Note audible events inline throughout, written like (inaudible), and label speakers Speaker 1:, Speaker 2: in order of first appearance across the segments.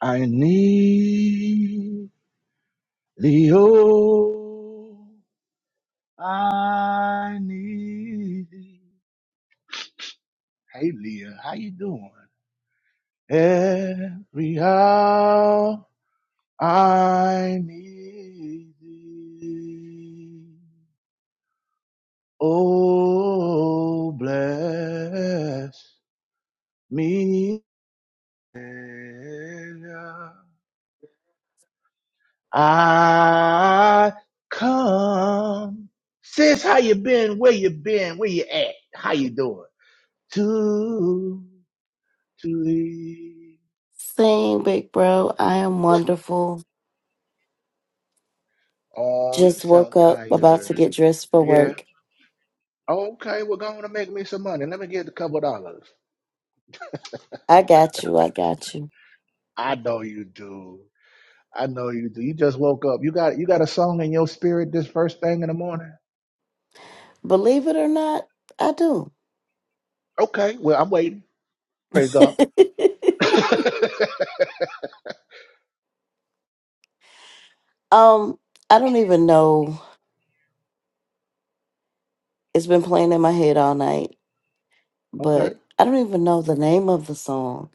Speaker 1: I need thee, oh, I need thee. Hey, Leah, how you doing? Every hour I need thee. Oh, bless me. Savior. I come. Sis, how you been? Where you been? Where you at? How you doing? To, to thee.
Speaker 2: Sing, big bro. I am wonderful.
Speaker 1: Oh, you
Speaker 2: Just woke
Speaker 1: sound
Speaker 2: up, about
Speaker 1: tired.
Speaker 2: to get dressed for
Speaker 1: Yeah.
Speaker 2: work.
Speaker 1: Oh, okay, we're going to make me some money. Let me get a couple dollars.
Speaker 2: I got you. I got you.
Speaker 1: I know you do. I know you do. You just woke up. You got you got a song in your spirit this first thing in the morning.
Speaker 2: Believe it or not, I do.
Speaker 1: Okay, well I'm waiting. Praise God. (laughs) okay.
Speaker 2: (laughs) um, I don't even know. It's been playing in my head all night, but I don't even know the name of the song,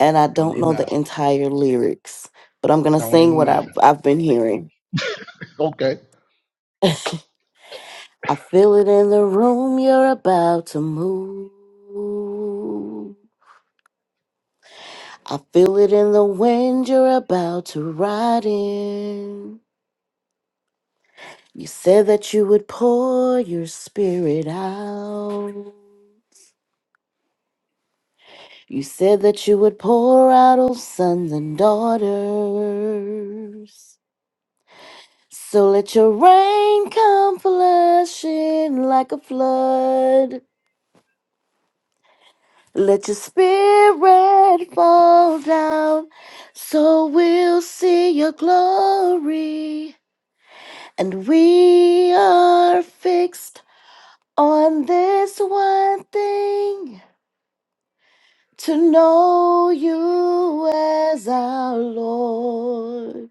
Speaker 2: and I
Speaker 1: Don't
Speaker 2: don't
Speaker 1: even
Speaker 2: know the
Speaker 1: matter.
Speaker 2: entire lyrics. But I'm gonna
Speaker 1: Don't
Speaker 2: sing
Speaker 1: even
Speaker 2: what I've
Speaker 1: matter.
Speaker 2: I've been hearing.
Speaker 1: Okay.
Speaker 2: I feel it in the room. You're about to move. I feel it in the wind you're about to ride in. You said that you would pour your spirit out. You said that you would pour out all sons and daughters. So let your rain come flashing like a flood. Let your spirit fall down so we'll see your glory. And we are fixed on this one thing to know you as our Lord.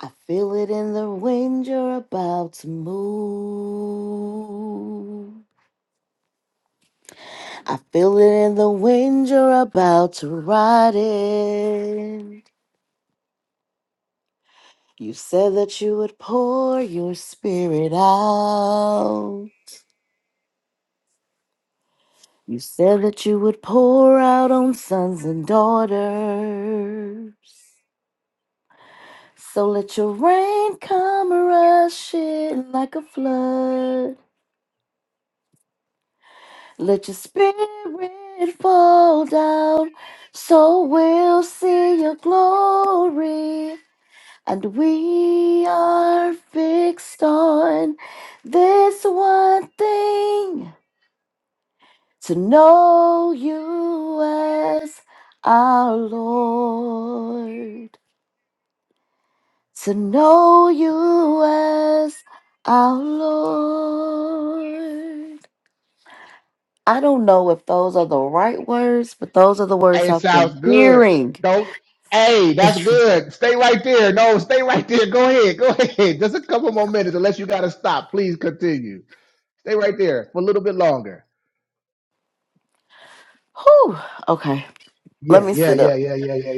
Speaker 2: I feel it in the wind, you're about to move. I feel it in the wind, you're about to ride it. You said that you would pour your spirit out. You said that you would pour out on sons and daughters. So let your rain come rushing like a flood. Let your spirit fall down, so we'll see your glory. And we are fixed on this one thing to know you as our Lord, to know you as our Lord. I don't know if those are the right words, but those are the words
Speaker 1: Hey, it
Speaker 2: I've been
Speaker 1: sounds good.
Speaker 2: hearing.
Speaker 1: Don't. Hey,
Speaker 2: (laughs)
Speaker 1: that's
Speaker 2: Whew.
Speaker 1: good. Stay right there. No, stay right there. Go ahead. Go ahead. Just a couple more minutes, unless you got to stop. Please continue. Stay right there for a little bit longer.
Speaker 2: Okay, let
Speaker 1: Yeah,
Speaker 2: me
Speaker 1: yeah,
Speaker 2: sit
Speaker 1: yeah,
Speaker 2: up.
Speaker 1: yeah, yeah, yeah, yeah,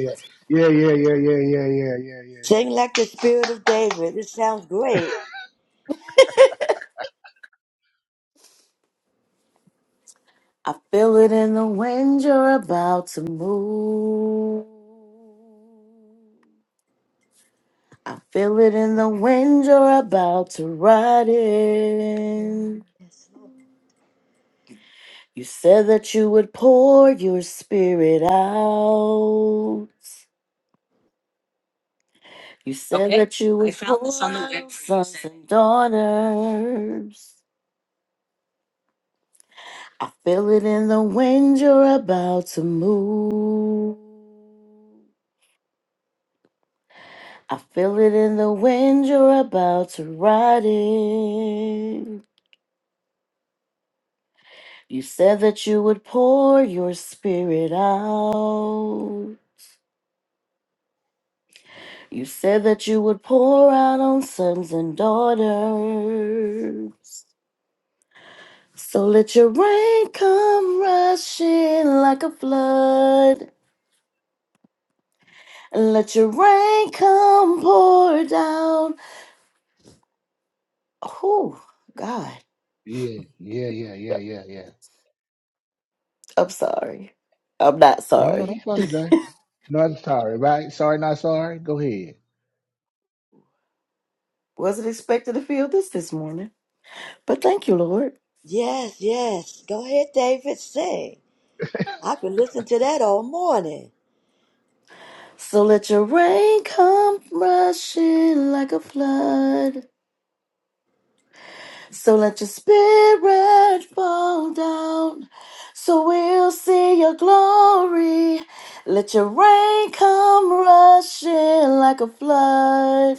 Speaker 1: yeah, yeah, yeah, yeah, yeah, yeah, yeah,
Speaker 3: Sing like the spirit of David. It sounds great.
Speaker 2: I feel it in the wind, you're about to move. I feel it in the wind, you're about to ride it. You said that you would pour your spirit out. You said Okay, that you would I found this on the pour web. out sons and daughters. I feel it in the wind, you're about to move. I feel it in the wind, you're about to ride it. You said that you would pour your spirit out. You said that you would pour out on sons and daughters. So let your rain come rushing like a flood. And let your rain come pour down. Oh, God.
Speaker 1: yeah, yeah, yeah, yeah, yeah, yeah, yeah, yeah.
Speaker 2: I'm sorry. I'm not
Speaker 1: No, no, no,
Speaker 2: sorry.
Speaker 1: sorry, guy. No, I'm sorry. Right? Sorry, not sorry. Go ahead.
Speaker 2: Wasn't expecting to feel this this morning. But thank you, Lord.
Speaker 3: Yes, yes. Go ahead, David. Sing. I can listen to that all morning.
Speaker 2: So let your rain come rushing like a flood. So let your spirit fall down. So we'll see your glory. Let your rain come rushing like a flood.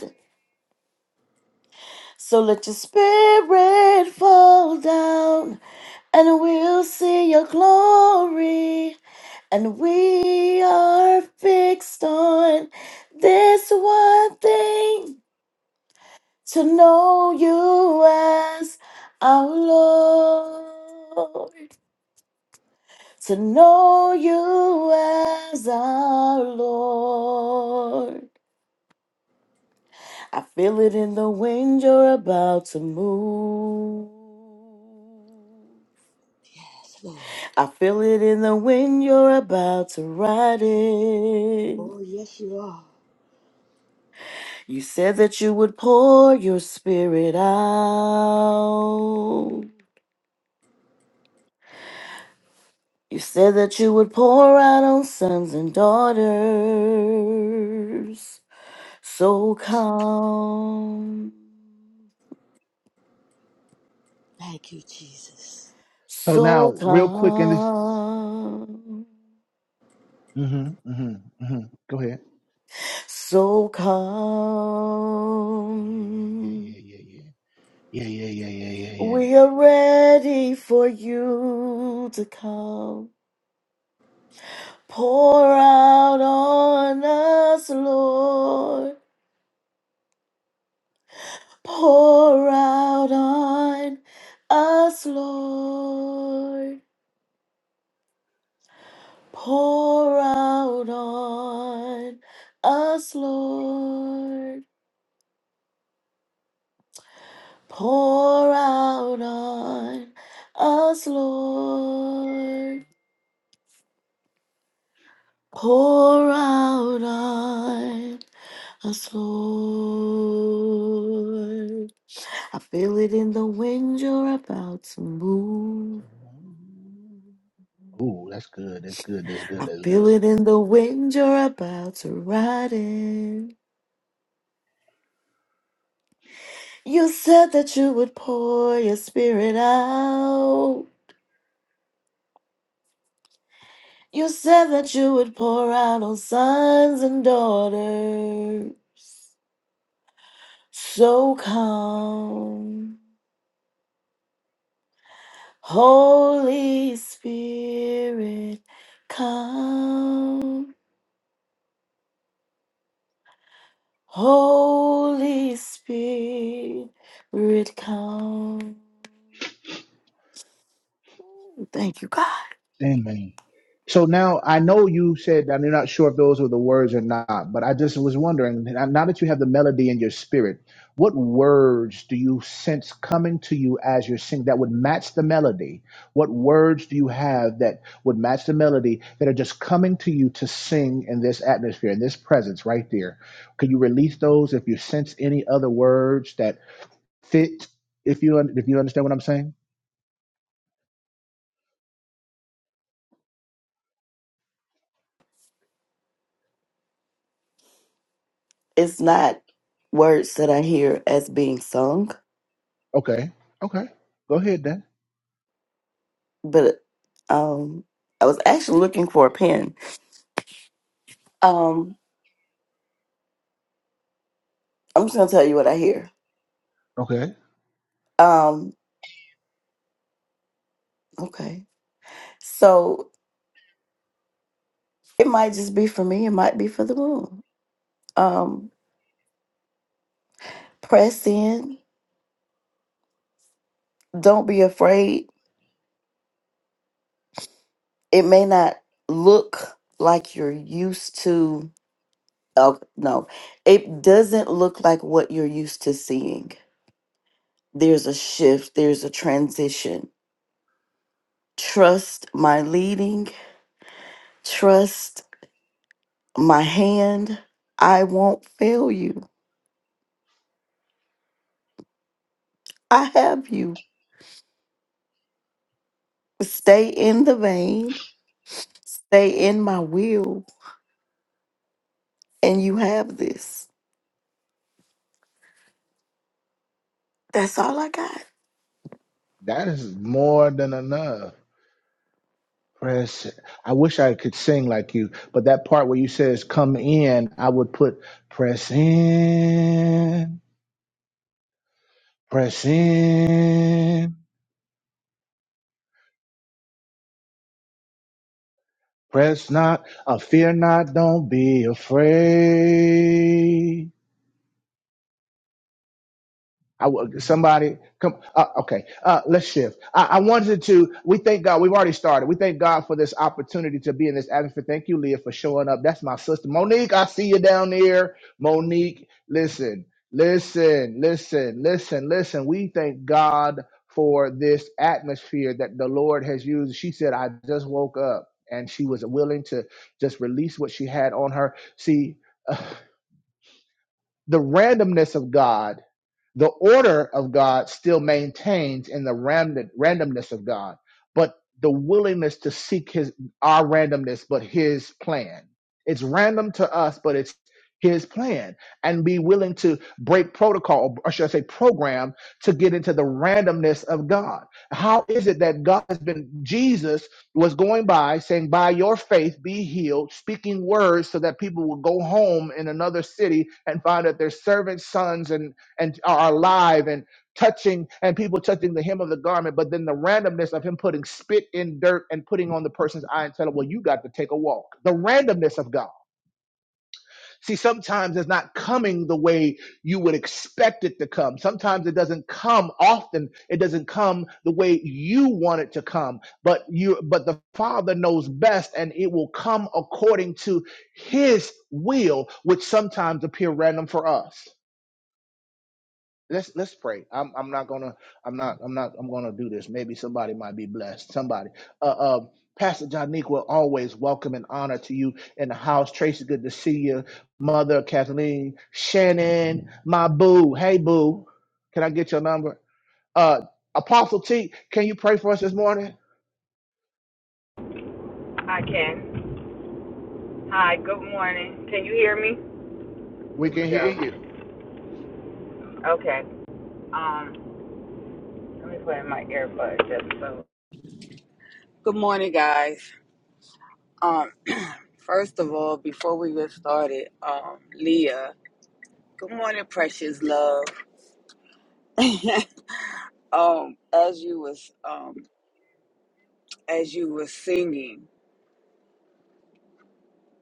Speaker 2: So let your spirit fall down. And we'll see your glory. And we are fixed on this one thing to know you as our Lord, to know you as our Lord. I feel it in the wind, you're about to move.
Speaker 3: Yes, Lord.
Speaker 2: I feel it in the wind, you're about to ride it.
Speaker 3: Oh, yes, you are.
Speaker 2: You said that you would pour your spirit out. You said that you would pour out on sons and daughters. So calm,
Speaker 3: Thank you, Jesus.
Speaker 1: So now,
Speaker 2: so
Speaker 1: real quick in this.
Speaker 2: calm,
Speaker 1: Mm-hmm. Mm-hmm. Mm-hmm. Go ahead.
Speaker 2: so
Speaker 1: Yeah, yeah, yeah,
Speaker 2: calm.
Speaker 1: yeah, yeah, yeah, yeah, yeah, yeah, yeah, yeah, yeah.
Speaker 2: We are ready for you to come. Pour out on us, Lord. Pour out on us, Lord. Pour out on us, Lord. Pour out on us, Lord. Pour out on us, Lord. I feel it in the wind, you're about to move.
Speaker 1: Ooh, that's good. That's good. That's good.
Speaker 2: I
Speaker 1: That's
Speaker 2: feel
Speaker 1: good.
Speaker 2: it in the wind you're about to ride in. You said that you would pour your spirit out. You said that you would pour out on sons and daughters. So come, Holy Spirit, come. Holy Spirit, come. Thank you, God.
Speaker 1: Amen. So now I know you said I'm not sure if those were the words or not, but I just was wondering now that you have the melody in your spirit, what words do you sense coming to you as you're singing that would match the melody? What words do you have that would match the melody that are just coming to you to sing in this atmosphere, in this presence right there? Can you release those if you sense any other words that? fit. If you un- if you understand what I'm saying,
Speaker 2: it's not words that I hear as being sung,
Speaker 1: okay, okay, go ahead then.
Speaker 2: but um, I was actually looking for a pen. Um, I'm just gonna tell you what I hear.
Speaker 1: Okay,
Speaker 2: Um, okay, so it might just be for me. It might be for the room. Um, press in. Don't be afraid. It may not look like you're used to. Oh no, it doesn't look like what you're used to seeing. There's a shift. There's a transition Trust my leading. Trust my hand. I won't fail you. I have you. Stay in the vein. Stay in my will. And you have this. That's all I got.
Speaker 1: that is more than enough. Press. I wish I could sing like you, but that part where you says "come in," I would put "press in, press in." Press not, uh, fear not, don't be afraid. I w- somebody come. Uh, okay, uh, let's shift. I, I wanted to. We thank God. We've already started. We thank God for this opportunity to be in this atmosphere. Thank you, Leah, for showing up. That's my sister, Monique. I see you down there, Monique. Listen, listen, listen, listen, listen. We thank God for this atmosphere that the Lord has used. She said, "I just woke up." And she was willing to just release what she had on her. See, (laughs) the randomness of God, the order of God still maintains in the random, randomness of God, but the willingness to seek his our randomness, but his plan. It's random to us, but it's his plan. And be willing to break protocol, or should I say program, to get into the randomness of God. How is it that God has been Jesus? was going by saying, By your faith be healed, speaking words so that people would go home in another city and find that their servants' sons and, and are alive and touching and people touching the hem of the garment. But then the randomness of him putting spit in dirt and putting on the person's eye and telling, Well, you got to take a walk. The randomness of God. See, sometimes it's not coming the way you would expect it to come. Sometimes it doesn't come often. It doesn't come the way you want it to come. But you, but the Father knows best, and it will come according to His will, which sometimes appear random for us. Let's let's pray. I'm I'm not gonna I'm not I'm not I'm gonna do this. Maybe somebody might be blessed. Somebody. Uh, uh Pastor Johniqua, always welcome and honor to you in the house. Tracy, good to see you. Mother Kathleen, Shannon, my boo. Hey boo, can I get your number? Uh, Apostle T, can you pray for us this morning?
Speaker 4: I can. Hi, good morning. Can you hear me?
Speaker 1: We
Speaker 4: Here we
Speaker 1: can hear
Speaker 4: go.
Speaker 1: you.
Speaker 4: Okay. Um, let me put in my earbuds just so. Good morning, guys. Um, first of all, before we get started, um, Leah. Good morning, precious love. (laughs) um, as you was um as you was singing,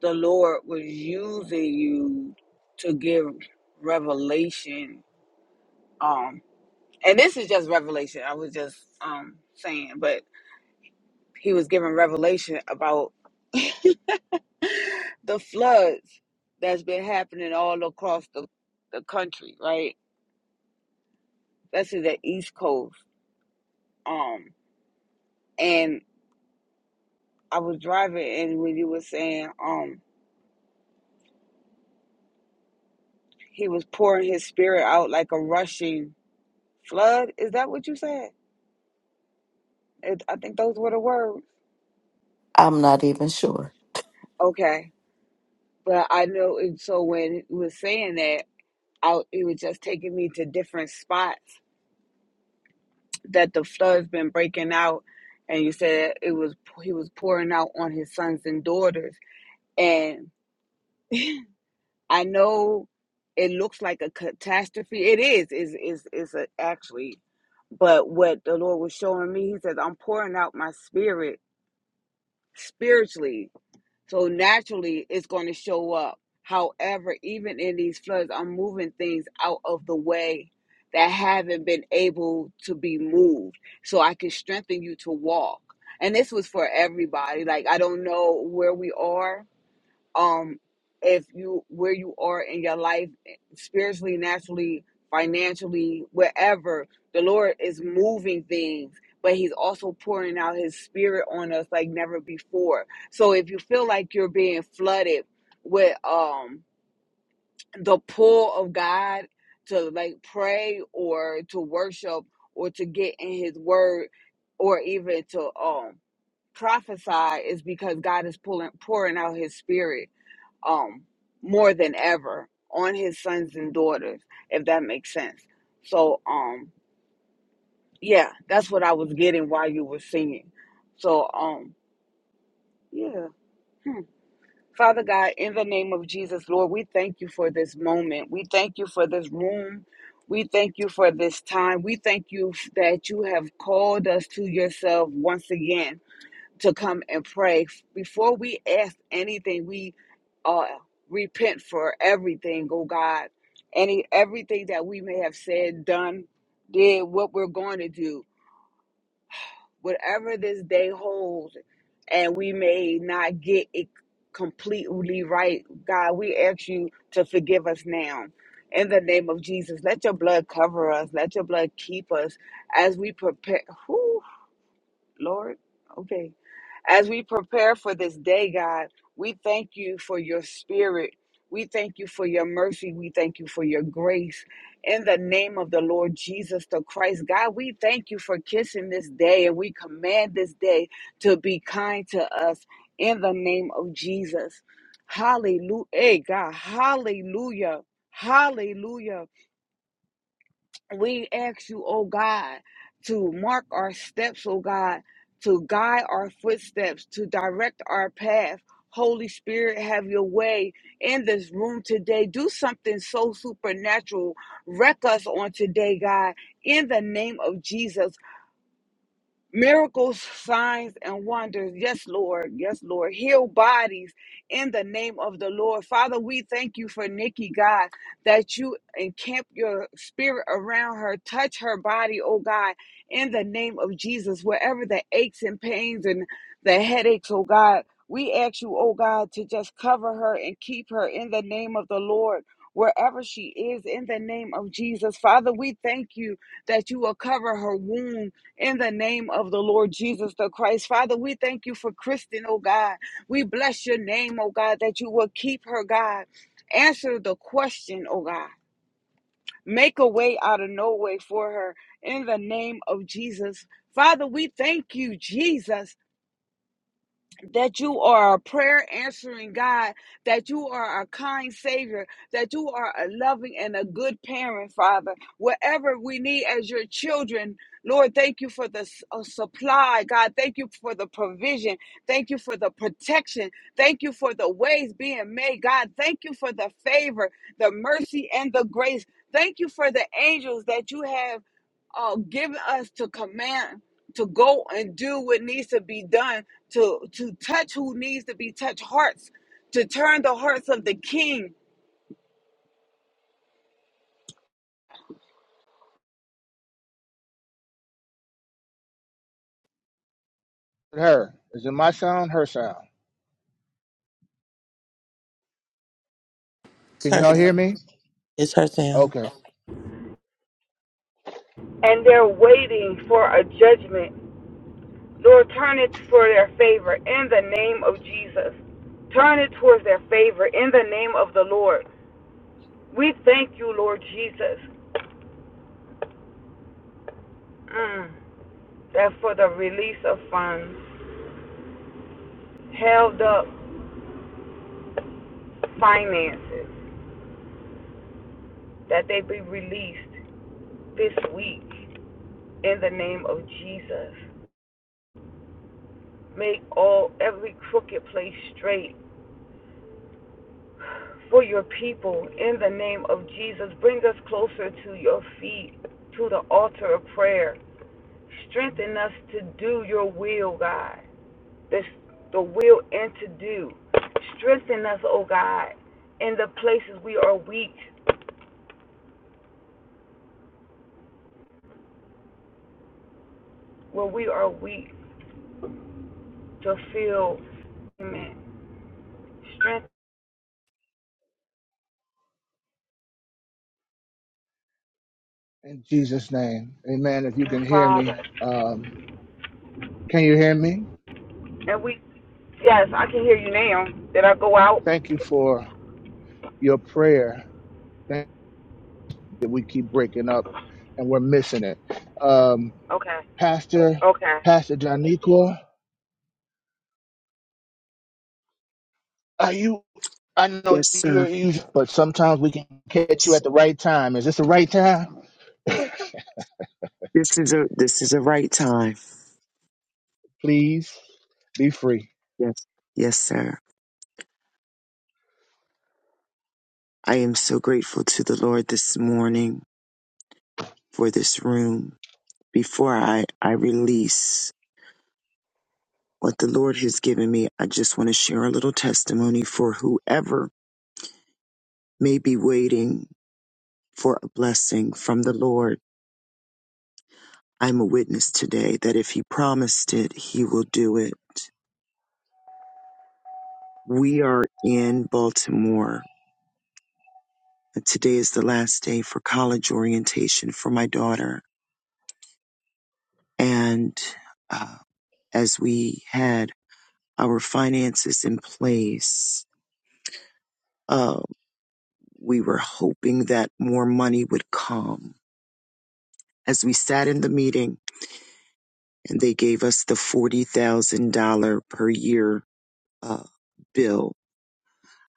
Speaker 4: the Lord was using you to give revelation. Um, and this is just revelation. I was just um saying, but he was given revelation about (laughs) the floods that's been happening all across the, the country, right? Especially the East Coast. Um, and I was driving, and when you were saying, um, he was pouring his spirit out like a rushing flood. Is that what you said? It, I think those were the words.
Speaker 2: I'm not even sure.
Speaker 4: Okay, but I know. And so when he was saying that, I, it was just taking me to different spots that the flood's been breaking out and you said it was he was pouring out on his sons and daughters and (laughs) i know it looks like a catastrophe it is is is is a, actually but what the lord was showing me he says i'm pouring out my spirit spiritually so naturally, it's going to show up. However, even in these floods, I'm moving things out of the way that haven't been able to be moved so I can strengthen you to walk. And this was for everybody. Like, I don't know where we are um if you where you are in your life eh, spiritually naturally financially wherever the lord is moving things but he's also pouring out his spirit on us like never before so if you feel like you're being flooded with um the pull of god to like pray or to worship or to get in his word or even to um prophesy is because god is pulling pouring out his spirit um more than ever on his sons and daughters if that makes sense so um yeah that's what i was getting while you were singing so um yeah hmm. father god in the name of jesus lord we thank you for this moment we thank you for this room we thank you for this time. We thank you that you have called us to yourself once again. to come and pray. Before we ask anything, we uh, repent for everything, oh God. Any everything that we may have said, done, did, what we're going to do, whatever this day holds, and we may not get it completely right, God, we ask you to forgive us now. In the name of Jesus, let your blood cover us. Let your blood keep us as we prepare. Whew, Lord, okay as we prepare for this day, God, we thank you for your spirit. We thank you for your mercy. We thank you for your grace. In the name of the Lord Jesus the Christ, God, we thank you for kissing this day and we command this day to be kind to us in the name of Jesus. Hallelujah. Hey, God, hallelujah. Hallelujah. We ask you, oh God, to mark our steps, oh God, to guide our footsteps, to direct our path. Holy Spirit, have your way in this room today. Do something so supernatural. Wreck us on today, God, in the name of Jesus miracles, signs, and wonders. Yes, Lord. Yes, Lord. Heal bodies in the name of the Lord. Father, we thank you for Nikki, God, that you encamp your spirit around her. Touch her body, oh God, in the name of Jesus. Wherever the aches and pains and the headaches, oh God, we ask you, oh God, to just cover her and keep her in the name of the Lord. Wherever she is, in the name of Jesus. Father, we thank you that you will cover her wounds in the name of the Lord Jesus the Christ. Father, we thank you for Kristen, oh God. We bless your name, oh God, that you will keep her, God. Answer the question, oh God. Make a way out of no way for her in the name of Jesus. Father, we thank you, Jesus that you are a prayer answering God, that you are a kind Savior, that you are a loving and a good parent, Father. Whatever we need as your children, Lord, thank you for the s- uh, supply, God. Thank you for the provision. Thank you for the protection. Thank you for the ways being made, God. Thank you for the favor, the mercy, and the grace. Thank you for the angels that you have uh, given us to command to go and do what needs to be done to to touch who needs to be touched hearts to turn the hearts of the king
Speaker 1: Her. Is it my sound? Her sound.
Speaker 5: It's
Speaker 1: Can y'all hear
Speaker 5: her.
Speaker 1: me?
Speaker 5: It's her sound.
Speaker 1: Okay.
Speaker 4: and they're waiting for a judgment. Lord, turn it for their favor in the name of Jesus. Turn it towards their favor in the name of the Lord. We thank you, Lord Jesus, mm, that for the release of funds, held up finances, that they be released this week in the name of Jesus. Make all every crooked place straight for your people in the name of Jesus. Bring us closer to your feet, to the altar of prayer. Strengthen us to do your will, God. This the will and to do. Strengthen us, oh God, in the places we are weak, where we are weak to feel Amen. Strengthen
Speaker 1: In Jesus' name. Amen. If you
Speaker 4: you,
Speaker 1: can hear
Speaker 4: Father.
Speaker 1: me. Um, can you hear me?
Speaker 4: And we yes, I can hear you now. Did I go out?
Speaker 1: Thank you for your prayer. Thank you that we keep breaking up and we're missing it. Um,
Speaker 4: Okay.
Speaker 1: Pastor,
Speaker 4: Okay.
Speaker 1: Pastor Daniqua, are you I know
Speaker 6: Yes,
Speaker 1: you're
Speaker 6: sir.
Speaker 1: you, but sometimes we can catch you at the right time. Is this the right time?
Speaker 6: This is a this is a right time.
Speaker 1: Please be free.
Speaker 6: Yes. Yes, sir. I am so grateful to the Lord this morning for this room. Before I, I release what the Lord has given me, I just want to share a little testimony for whoever may be waiting for a blessing from the Lord. I'm a witness today that if he promised it, he will do it. We are in Baltimore. and Today is the last day for college orientation for my daughter And uh, as we had our finances in place, uh, we were hoping that more money would come. As we sat in the meeting and they gave us the $40,000 per year uh, bill,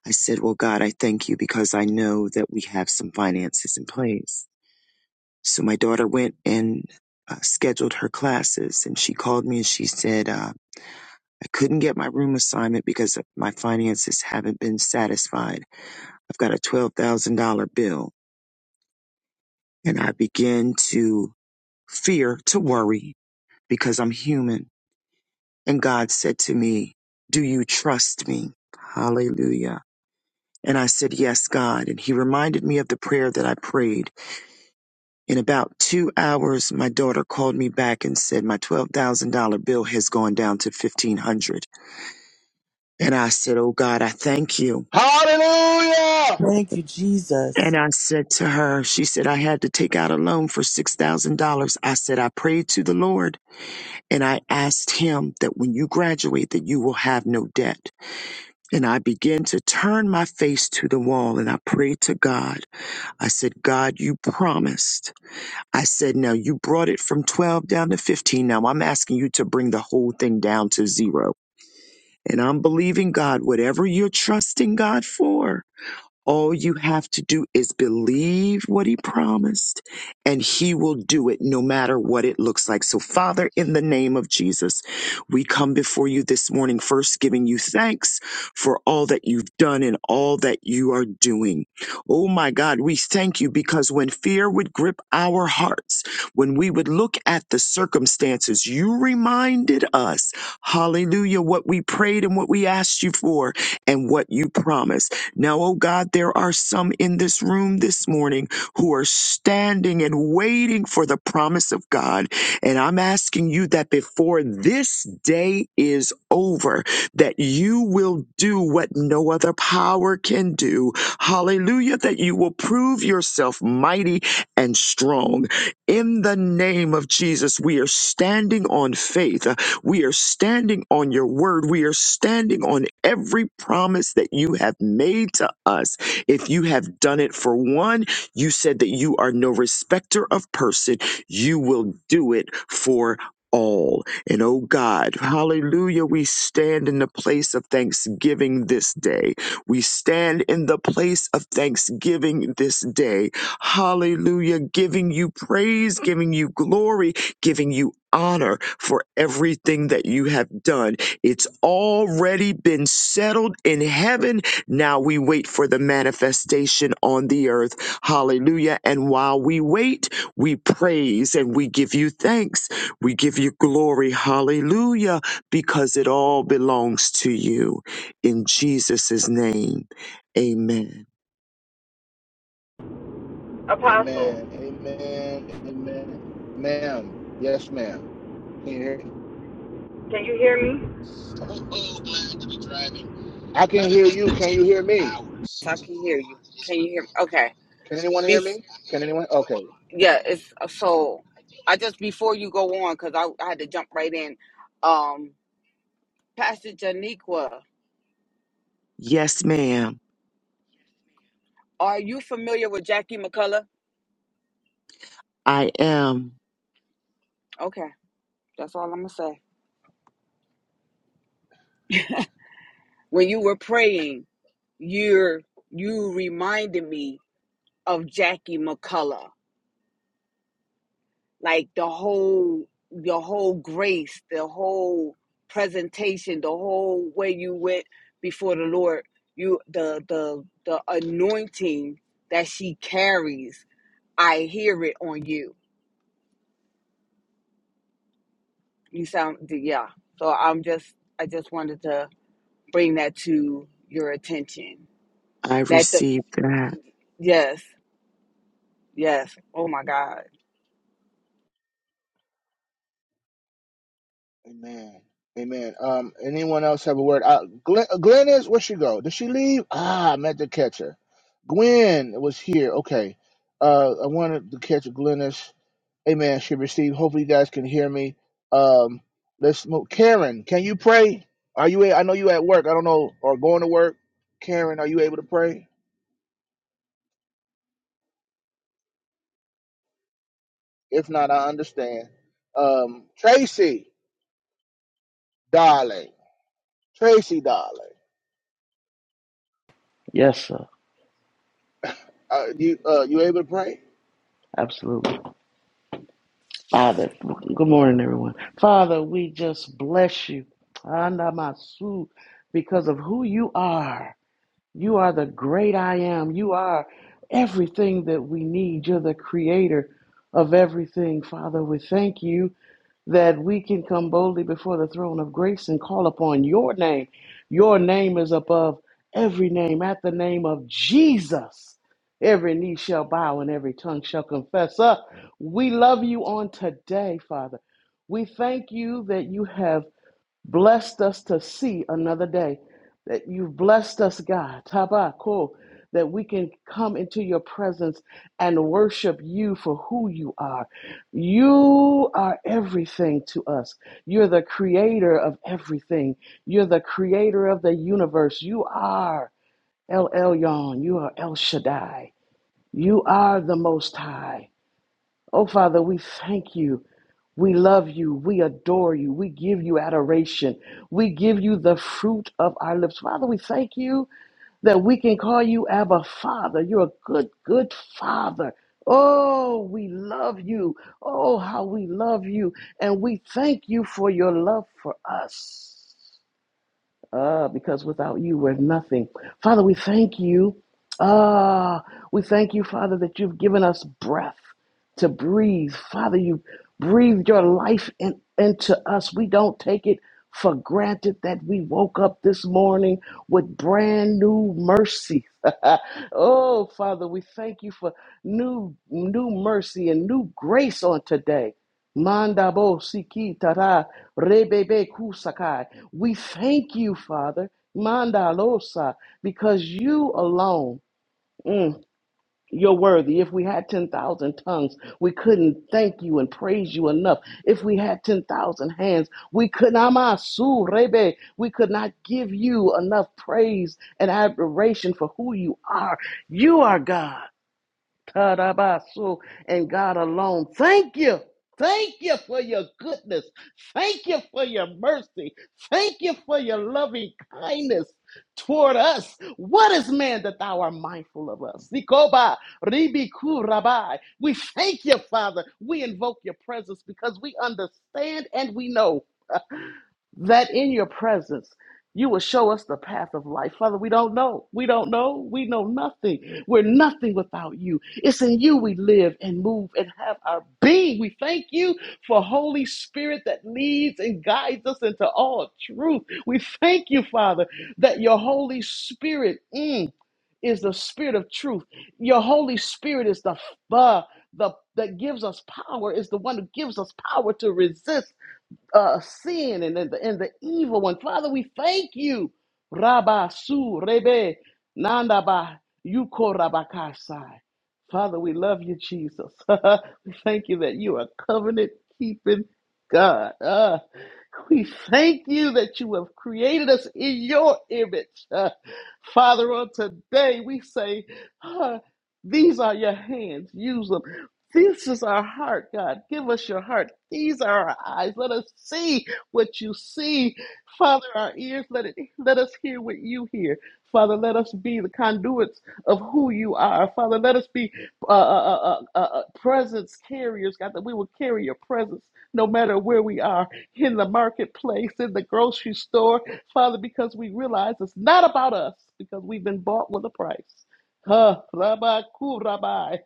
Speaker 6: I said, Well, God, I thank you because I know that we have some finances in place. So my daughter went and uh, scheduled her classes and she called me and she said, uh, I couldn't get my room assignment because my finances haven't been satisfied. I've got a $12,000 bill and I begin to fear, to worry because I'm human. And God said to me, do you trust me? Hallelujah. And I said, yes, God. And he reminded me of the prayer that I prayed. In about two hours, my daughter called me back and said, my $12,000 bill has gone down to 1500 And I said, oh God, I thank you.
Speaker 1: Hallelujah!
Speaker 5: Thank you, Jesus.
Speaker 6: And I said to her, she said, I had to take out a loan for $6,000. I said, I prayed to the Lord and I asked him that when you graduate, that you will have no debt. And I began to turn my face to the wall and I prayed to God. I said, God, you promised. I said, now you brought it from 12 down to 15. Now I'm asking you to bring the whole thing down to zero. And I'm believing God, whatever you're trusting God for, all you have to do is believe what he promised, and he will do it no matter what it looks like. So, Father, in the name of Jesus, we come before you this morning, first giving you thanks for all that you've done and all that you are doing. Oh my God, we thank you because when fear would grip our hearts, when we would look at the circumstances, you reminded us, hallelujah, what we prayed and what we asked you for and what you promised. Now, oh God, there are some in this room this morning who are standing and waiting for the promise of God. And I'm asking you that before this day is over, that you will do what no other power can do. Hallelujah, that you will prove yourself mighty and strong. In the name of Jesus, we are standing on faith. We are standing on your word. We are standing on every promise that you have made to us. If you have done it for one, you said that you are no respecter of person. You will do it for all. And oh God, hallelujah, we stand in the place of thanksgiving this day. We stand in the place of thanksgiving this day. Hallelujah, giving you praise, giving you glory, giving you honor for everything that you have done. It's already been settled in heaven. Now we wait for the manifestation on the earth. Hallelujah. And while we wait, we praise and we give you thanks. We give you glory. Hallelujah. Because it all belongs to you. In Jesus' name, amen.
Speaker 4: Apostle.
Speaker 1: Amen. Amen. Amen. Ma'am. Yes, ma'am. Can you hear me?
Speaker 4: Can you hear me?
Speaker 1: I can hear you. Can you hear me?
Speaker 4: I can hear you. Can you hear me? Okay.
Speaker 1: Can anyone hear
Speaker 4: Be-
Speaker 1: me? Can anyone? Okay.
Speaker 4: yeah, it's so I just before you go on cuz I, I had to jump right in. Um Pastor Janiqua,
Speaker 6: Yes, ma'am.
Speaker 4: are you familiar with Jackie McCullough?
Speaker 6: I am.
Speaker 4: Okay. That's all I'm going to say. When you were praying, you're you reminded me of Jackie McCullough. like the whole your whole grace the whole presentation the whole way you went before the lord you the the the anointing that she carries i hear it on you you sound yeah so i'm just i just wanted to bring that to your attention
Speaker 6: I
Speaker 4: that the
Speaker 6: received that.
Speaker 4: yes yes oh my god
Speaker 1: Amen. Amen. Um, anyone else have a word? Uh, Glenn, uh, Glenn is, where'd she go? Did she leave? Ah, I meant to catch her. Gwen was here. Okay. Uh, I wanted to catch Glennis. Amen. Should receive. Hopefully, you guys can hear me. Um, let's move. Karen, can you pray? Are you? a- I know you at work. I don't know, or going to work. Karen, are you able to pray? If not, I understand. Um, Tracy, darling. Tracy, darling.
Speaker 7: Yes, sir.
Speaker 1: (laughs) Uh, you uh, you able to pray?
Speaker 7: Absolutely. Father, good morning, everyone. Father, we just bless you. Anamasu, because of who you are. You are the great I am. You are everything that we need. You're the creator of everything. Father, we thank you that we can come boldly before the throne of grace and call upon your name. Your name is above every name. At the name of Jesus, every knee shall bow and every tongue shall confess. Up, we love you on today, Father. We thank you that you have blessed us to see another day. That you've blessed us, God, Tabako, that we can come into your presence and worship you for who you are. You are everything to us. You're the creator of everything. You're the creator of the universe. You are El Elyon. You are El Shaddai. You are the Most High. Oh, Father, we thank you we love you. We adore you. We give you adoration. We give you the fruit of our lips. Father, we thank you that we can call you Abba Father. You're a good, good Father. Oh, we love you. Oh, how we love you. And we thank you for your love for us uh, because without you, we're nothing. Father, we thank you. Ah, we thank you, Father, that you've given us breath to breathe. Father, you breathed your life in, into us. We don't take it for granted that we woke up this morning with brand new mercy. (laughs) oh, Father, we thank you for new new mercy and new grace on today. Mandabo siki tara rebebe kusakai. We thank you, Father, mandalosa, because you alone, mm, you're worthy. If we had 10,000 tongues, we couldn't thank you and praise you enough. If we had 10,000 hands, we could namasu rebe. We could not give you enough praise and admiration for who you are. You are God. Tarabasu and God alone. Thank you. Thank you for your goodness. Thank you for your mercy. Thank you for your loving kindness toward us. What is man that thou art mindful of us? Zikoba, ribiku, rabai. We thank you, Father. We invoke your presence because we understand and we know that in your presence you will show us the path of life. Father, we don't know. We don't know. We know nothing. We're nothing without you. It's in you we live and move and have our being. We thank you for Holy Spirit that leads and guides us into all truth. We thank you, Father, that your Holy Spirit mm, is the spirit of truth. Your Holy Spirit is the, uh, the that gives us power, is the one who gives us power to resist uh, sin and, and, the, and the evil one. Father, we thank you. Rabba su rebe nanda ba yuko rabakasai. Father, we love you, Jesus. (laughs) we thank you that you are covenant keeping God. Ah, we thank you that you have created us in your image. Ah, Father, on today we say, ah, these are your hands. Use them. This is our heart, God. Give us your heart. These are our eyes. Let us see what you see. Father, our ears, let it let us hear what you hear. Father, let us be the conduits of who you are. Father, let us be uh, uh, uh, uh, uh, uh, presence carriers, God, that we will carry your presence no matter where we are in the marketplace, in the grocery store. Father, because we realize it's not about us because we've been bought with a price. Huh, rabbi, cool, rabbi.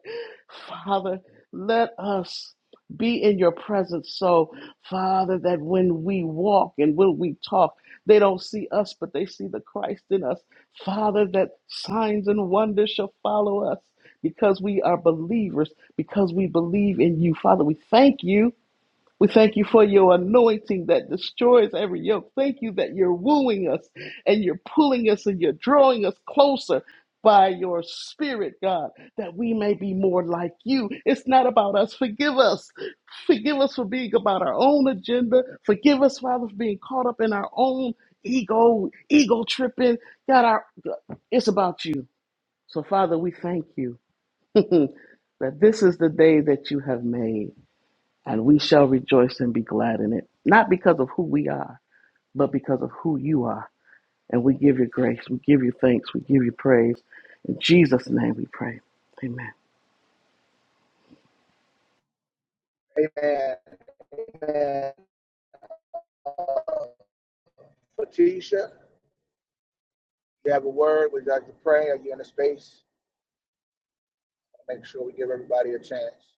Speaker 7: Father, let us be in your presence so, Father, that when we walk and when we talk, they don't see us, but they see the Christ in us. Father, that signs and wonders shall follow us because we are believers, because we believe in you. Father, we thank you we thank you for your anointing that destroys every yoke. Thank you that you're wooing us and you're pulling us and you're drawing us closer by your spirit, God, that we may be more like you. It's not about us. Forgive us. Forgive us for being about our own agenda. Forgive us, Father, for being caught up in our own ego, ego tripping. God, our, it's about you. So, Father, we thank you that this is the day that you have made and we shall rejoice and be glad in it, not because of who we are, but because of who you are. And we give you grace, we give you thanks, we give you praise. In Jesus' name we pray. Amen.
Speaker 1: Amen. Amen. Uh, Letitia, you have a word. Would you like to pray? Are you in a space? Make sure we give everybody a chance.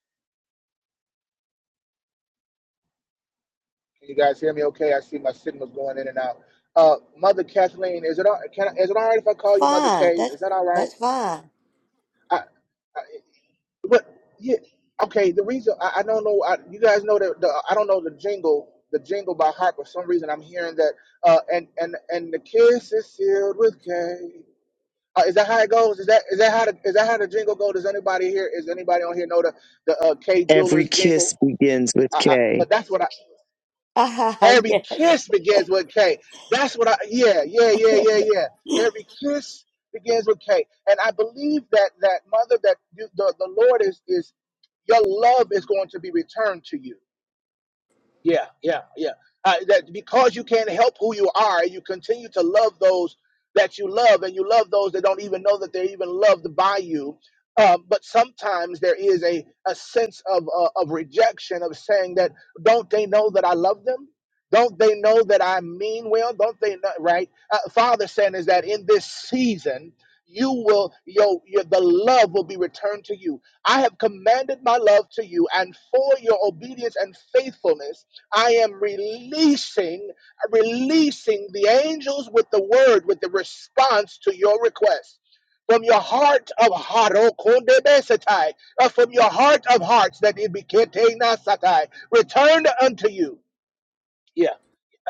Speaker 1: Can you guys hear me? Okay, I see my signals going in and out. Uh, Mother Kathleen, is it all, can I, is it all right if I call you Mother
Speaker 3: Fine.
Speaker 1: K?
Speaker 3: That's
Speaker 1: Is that all right?
Speaker 3: that's fine. (laughs)
Speaker 1: I, I but yeah, okay. The reason I, I don't know, I, you guys know that the, I don't know the jingle, the jingle by heart. For some reason, I'm hearing that. Uh, and and and the kiss is sealed with K. Uh, is that how it goes? Is that is that how the, is that how the jingle go? Does anybody here? Is anybody on here know the the uh, K
Speaker 6: Every
Speaker 1: Jewelers jingle?
Speaker 6: kiss begins with
Speaker 1: I, I,
Speaker 6: K.
Speaker 1: but that's what I
Speaker 3: Ah,
Speaker 1: Every
Speaker 3: yes.
Speaker 1: kiss begins with K. That's what I, yeah, yeah, yeah, yeah, yeah. Every kiss begins with K. And I believe that, that mother, that you, the, the Lord is, is, your love is going to be returned to you. Yeah, yeah, yeah. Uh, that because you can't help who you are, you continue to love those that you love, and you love those that don't even know that they're even loved by you. Uh, but sometimes there is a, a sense of uh, of rejection of saying that don't they know that I love them? Don't they know that I mean well? Don't they know? Right? Uh, Father saying is that in this season you will your, your the love will be returned to you. I have commanded my love to you, and for your obedience and faithfulness. I am releasing, releasing the angels with the word, with the response to your request. From your heart of heart, oh, kondebesetai, uh, from your heart of hearts, that it be ketenasatai, returned unto you. Yeah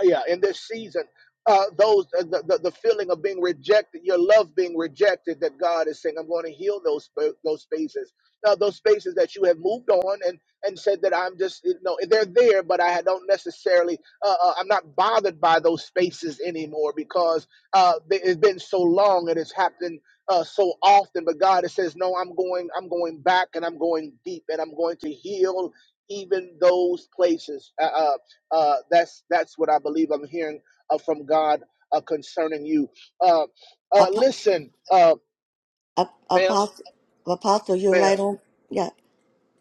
Speaker 1: yeah, in this season, uh, those uh, the, the the feeling of being rejected, your love being rejected, that God is saying, "I'm going to heal those sp- those spaces." Now, those spaces that you have moved on and and said that I'm just you know they're there, but I don't necessarily uh, uh, I'm not bothered by those spaces anymore because uh, they- it's been so long and it's happened uh, so often. But God it says, "No, I'm going I'm going back and I'm going deep and I'm going to heal." Even those places. Uh, uh, uh, that's that's what I believe I'm hearing uh, from God uh, concerning you. Uh, uh,
Speaker 3: Apo-
Speaker 1: listen, uh,
Speaker 3: Ap-
Speaker 1: ma'am,
Speaker 3: Apostle, Apostle, you're
Speaker 1: ma'am.
Speaker 3: right on. Yeah.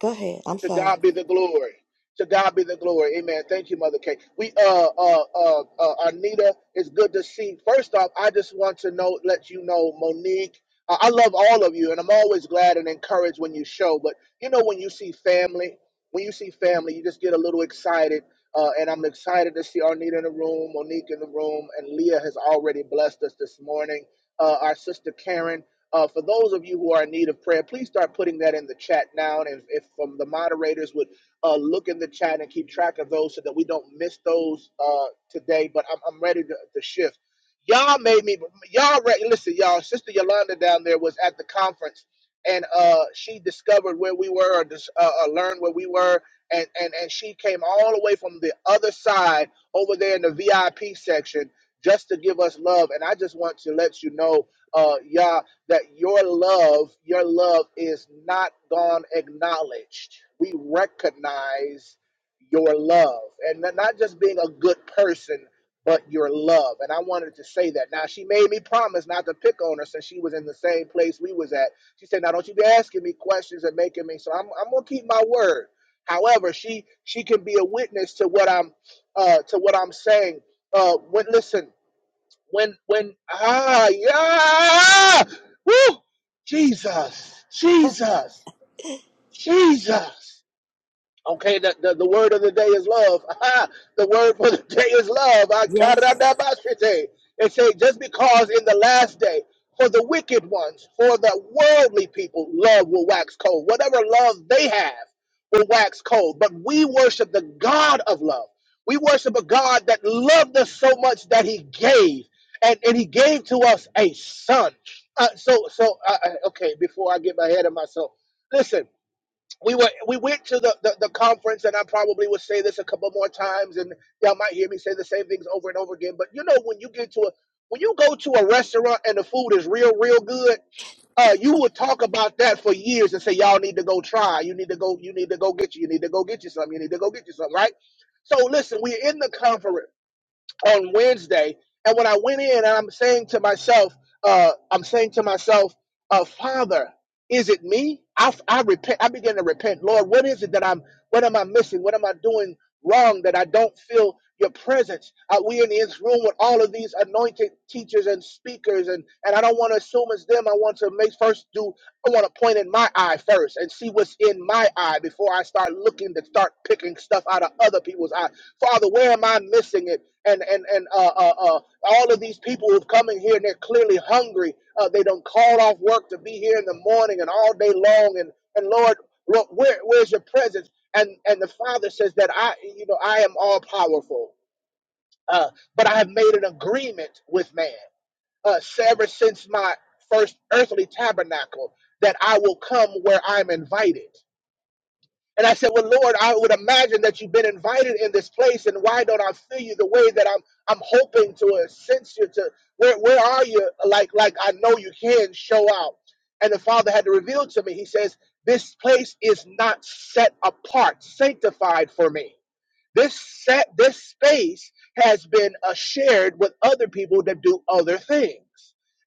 Speaker 3: Go ahead. I'm
Speaker 1: To
Speaker 3: sorry.
Speaker 1: God be the glory. To God be the glory. Amen. Thank you, Mother Kate. We uh uh uh, uh Anita, it's good to see. First off, I just want to know let you know, Monique. I I love all of you, and I'm always glad and encouraged when you show. But you know, when you see family, when you see family, you just get a little excited. Uh, and I'm excited to see Arnita in the room, Monique in the room, and Leah has already blessed us this morning. Uh, our sister Karen uh, for those of you who are in need of prayer, please start putting that in the chat now. And if, if from the moderators would uh, look in the chat and keep track of those so that we don't miss those uh, today. But I'm, I'm ready to, to shift. Y'all made me, y'all, re- listen, y'all, Sister Yolanda down there was at the conference and uh, she discovered where we were or dis- uh, uh, learned where we were. And, and, and she came all the way from the other side over there in the VIP section just to give us love. And I just want to let you know, uh, y'all that your love, your love is not gone acknowledged. We recognize your love and not just being a good person, but your love. And I wanted to say that. Now she made me promise not to pick on her since she was in the same place we was at. She said, now don't you be asking me questions and making me so I'm I'm gonna keep my word. However, she she can be a witness to what I'm uh to what I'm saying. Uh when listen when when ah yeah woo Jesus Jesus Jesus Okay, the, the, the word of the day is love. (laughs) the word for the day is love. Ah,
Speaker 3: Yes.
Speaker 1: karadabashite. It say just because in the last day, for the wicked ones, for the worldly people, love will wax cold. Whatever love they have will wax cold. But we worship the God of love. We worship a God that loved us so much that He gave, and, and He gave to us a Son. Uh, so, so uh, uh, okay. Before I get my head of myself, listen we were we went to the, the, the conference and I probably would say this a couple more times and y'all might hear me say the same things over and over again. But you know when you get to a when you go to a restaurant and the food is real, real good, uh, you will talk about that for years and say, Y'all need to go try, you need to go, you need to go get you, you need to go get you something, you need to go get you something, right? So listen, we're in the conference on Wednesday. And when I went in, and I'm saying to myself, uh, I'm saying to myself, uh, Father, is it me? I, I repent. I begin to repent. Lord, what is it that I'm? What am I missing? What am I doing wrong that I don't feel Your presence? Uh, we in this room with all of these anointed teachers and speakers, and and I don't want to assume it's them. I want to make first do. I want to point in my eye first and see what's in my eye before I start looking to start picking stuff out of other people's eye. Father, where am I missing it? and and and uh, uh, uh, all of these people who've come in here and they're clearly hungry. Uh, they don't call off work to be here in the morning and all day long. And and Lord, Lord, where where's your presence? And and the Father says that I, you know, I am all powerful, uh, but I have made an agreement with man uh, ever since my first earthly tabernacle that I will come where I'm invited. And I said, Well, Lord, I would imagine that you've been invited in this place, and why don't I feel you the way that I'm I'm hoping to uh, sense you to where where are you? Like like I know you can show out. And the Father had to reveal to me, he says, This place is not set apart, sanctified for me. This set, this space has been uh, shared with other people that do other things.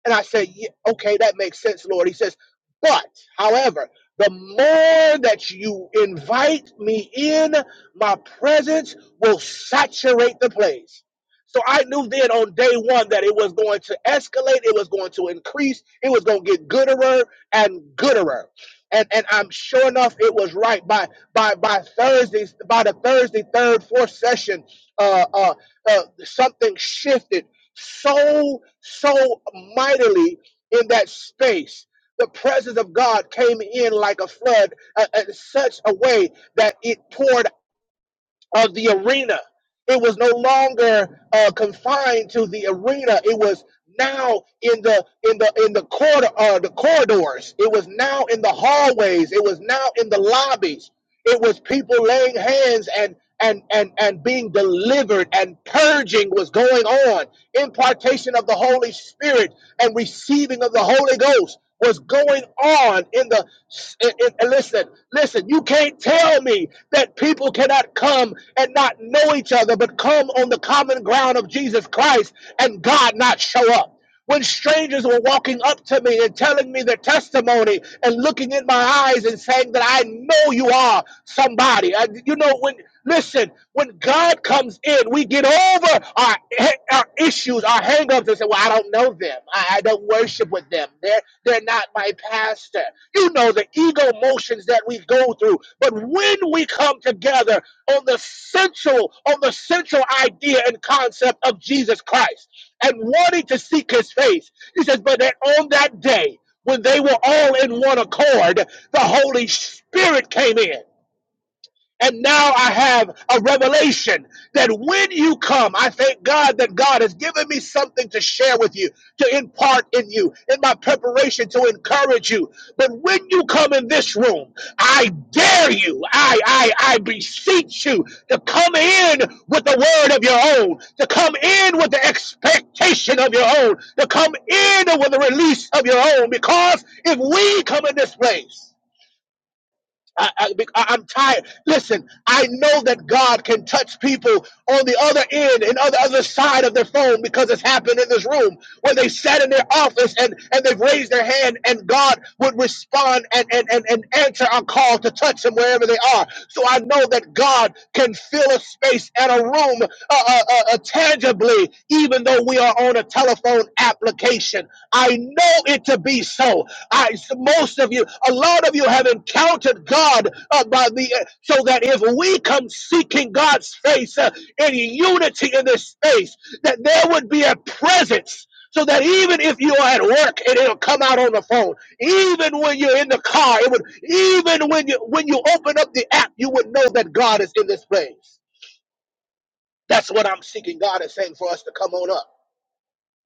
Speaker 1: And I said, yeah, okay, that makes sense, Lord. He says, but, however, the more that you invite me in, my presence will saturate the place. So I knew then on day one that it was going to escalate, it was going to increase, it was going to get gooder and gooder. And, and I'm sure enough, it was right. by by by Thursday, by the Thursday third fourth session, uh, uh, uh, something shifted so so mightily in that space. The presence of God came in like a flood uh, in such a way that it poured of the arena. It was no longer uh, confined to the arena. It was now in the in the in the corridor, uh, the corridors. It was now in the hallways. It was now in the lobbies. It was people laying hands and and and and being delivered and purging was going on. Impartation of the Holy Spirit and receiving of the Holy Ghost was going on in the in, in- listen listen you can't tell me that people cannot come and not know each other but come on the common ground of Jesus Christ and God not show up when strangers were walking up to me and telling me their testimony and looking in my eyes and saying that I know you are somebody I, you know when Listen, when God comes in, we get over our, our issues, our hangups, and say, Well, I don't know them. I, I don't worship with them. They're, they're not my pastor. You know the ego motions that we go through. But when we come together on the central, on the central idea and concept of Jesus Christ and wanting to seek his face, he says, But that on that day, when they were all in one accord, the Holy Spirit came in. And now I have a revelation that when you come, I thank God that God has given me something to share with you, to impart in you, in my preparation to encourage you. But when you come in this room, I dare you, I, I, I beseech you to come in with the word of your own, to come in with the expectation of your own, to come in with the release of your own. Because if we come in this place, I, I, bec- I- I'm tired. Listen, I know that God can touch people on the other end and on the other side of their phone because it's happened in this room where they sat in their office and, and they've raised their hand and God would respond and, and, and, and answer our call to touch them wherever they are. So I know that God can fill a space and a room uh, uh, uh, uh, tangibly, even though we are on a telephone application. I know it to be so. I, most of you, a lot of you have encountered God uh, by the, uh, so that if we come seeking God's face uh, in unity in this space, that there would be a presence. So that even if you are at work and it'll come out on the phone, even when you're in the car, it would, even when you when you open up the app, you would know that God is in this place. That's what I'm seeking God is saying for us to come on up.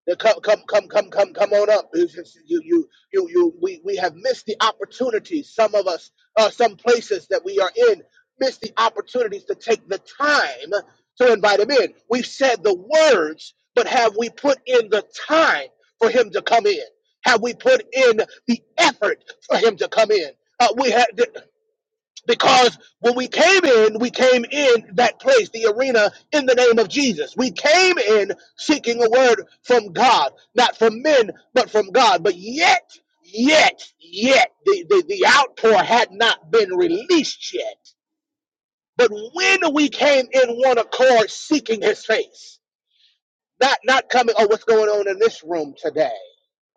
Speaker 1: Now come, come, come, come, come, come on up. It's just You, you, you, you. We, we have missed the opportunities. Some of us, uh, some places that we are in, miss the opportunities to take the time to invite him in. We've said the words, but have we put in the time for him to come in? Have we put in the effort for him to come in? Uh, we had because when we came in, we came in that place, the arena, in the name of Jesus. We came in seeking a word from God, not from men, but from God. But yet, yet, yet, the, the, the outpour had not been released yet. But when we came in one accord seeking his face, not not coming. Oh, what's going on in this room today?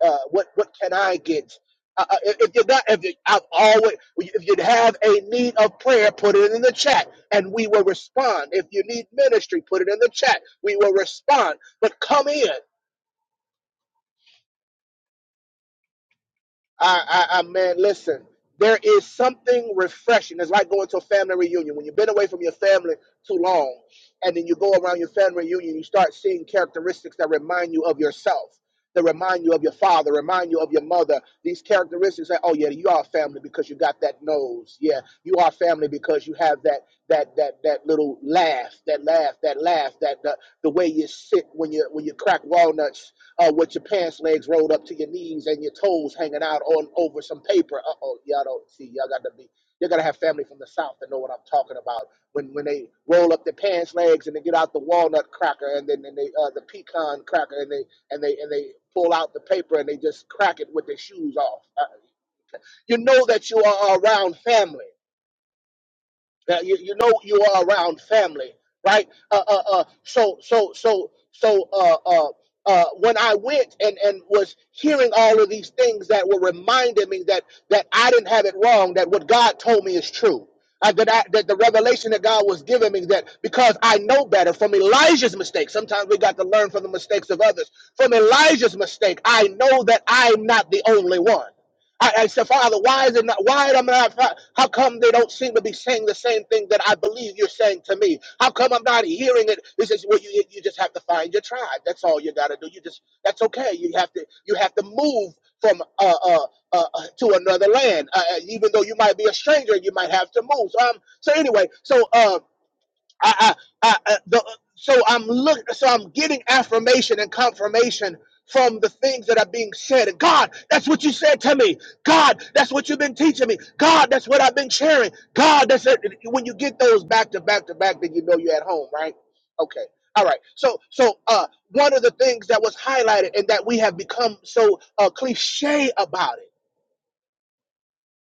Speaker 1: Uh, what what can I get? Uh, uh, if if you're not, if you, i have always, if you have a need of prayer, put it in the chat, and we will respond. If you need ministry, put it in the chat. We will respond. But come in. I, I, I man, listen. There is something refreshing. It's like going to a family reunion. When you've been away from your family too long, and then you go around your family reunion, you start seeing characteristics that remind you of yourself, that remind you of your father, remind you of your mother. These characteristics that, oh yeah, you are family because you got that nose. Yeah, you are family because you have that that that that little laugh, that laugh, that laugh, that the, the way you sit when you when you crack walnuts uh, with your pants legs rolled up to your knees and your toes hanging out on over some paper. Uh oh, y'all don't see. Y'all got to be. You gotta have family from the south to know what I'm talking about. When when they roll up their pants legs and they get out the walnut cracker and then and they uh, the pecan cracker and they and they and they pull out the paper and they just crack it with their shoes off. Uh, you know that you are around family. Now, you, you know you are around family, right? Uh, uh, uh, so so so so uh, uh, uh, when I went and, and was hearing all of these things that were reminding me that that I didn't have it wrong, that what God told me is true. I, that, I, that the revelation that God was giving me that because I know better from Elijah's mistake, Sometimes we got to learn from the mistakes of others. From Elijah's mistake, I know that I'm not the only one. I, I said, Father, why is it not? Why am I How come they don't seem to be saying the same thing that I believe you're saying to me? How come I'm not hearing it? This is what you you just have to find your tribe. That's all you got to do. You just that's okay. You have to you have to move from uh uh, uh uh, to another land, uh, uh, even though you might be a stranger. You might have to move. So, um. So anyway, so um. I, I, I, uh, the, so I'm look, so I'm getting affirmation and confirmation from the things that are being said. And God, that's what you said to me. God, that's what you've been teaching me. God, that's what I've been sharing. God, that's it. when you get those back to back to back, then you know you're at home, right? Okay. All right. So, so uh, one of the things that was highlighted and that we have become so uh, cliche about it,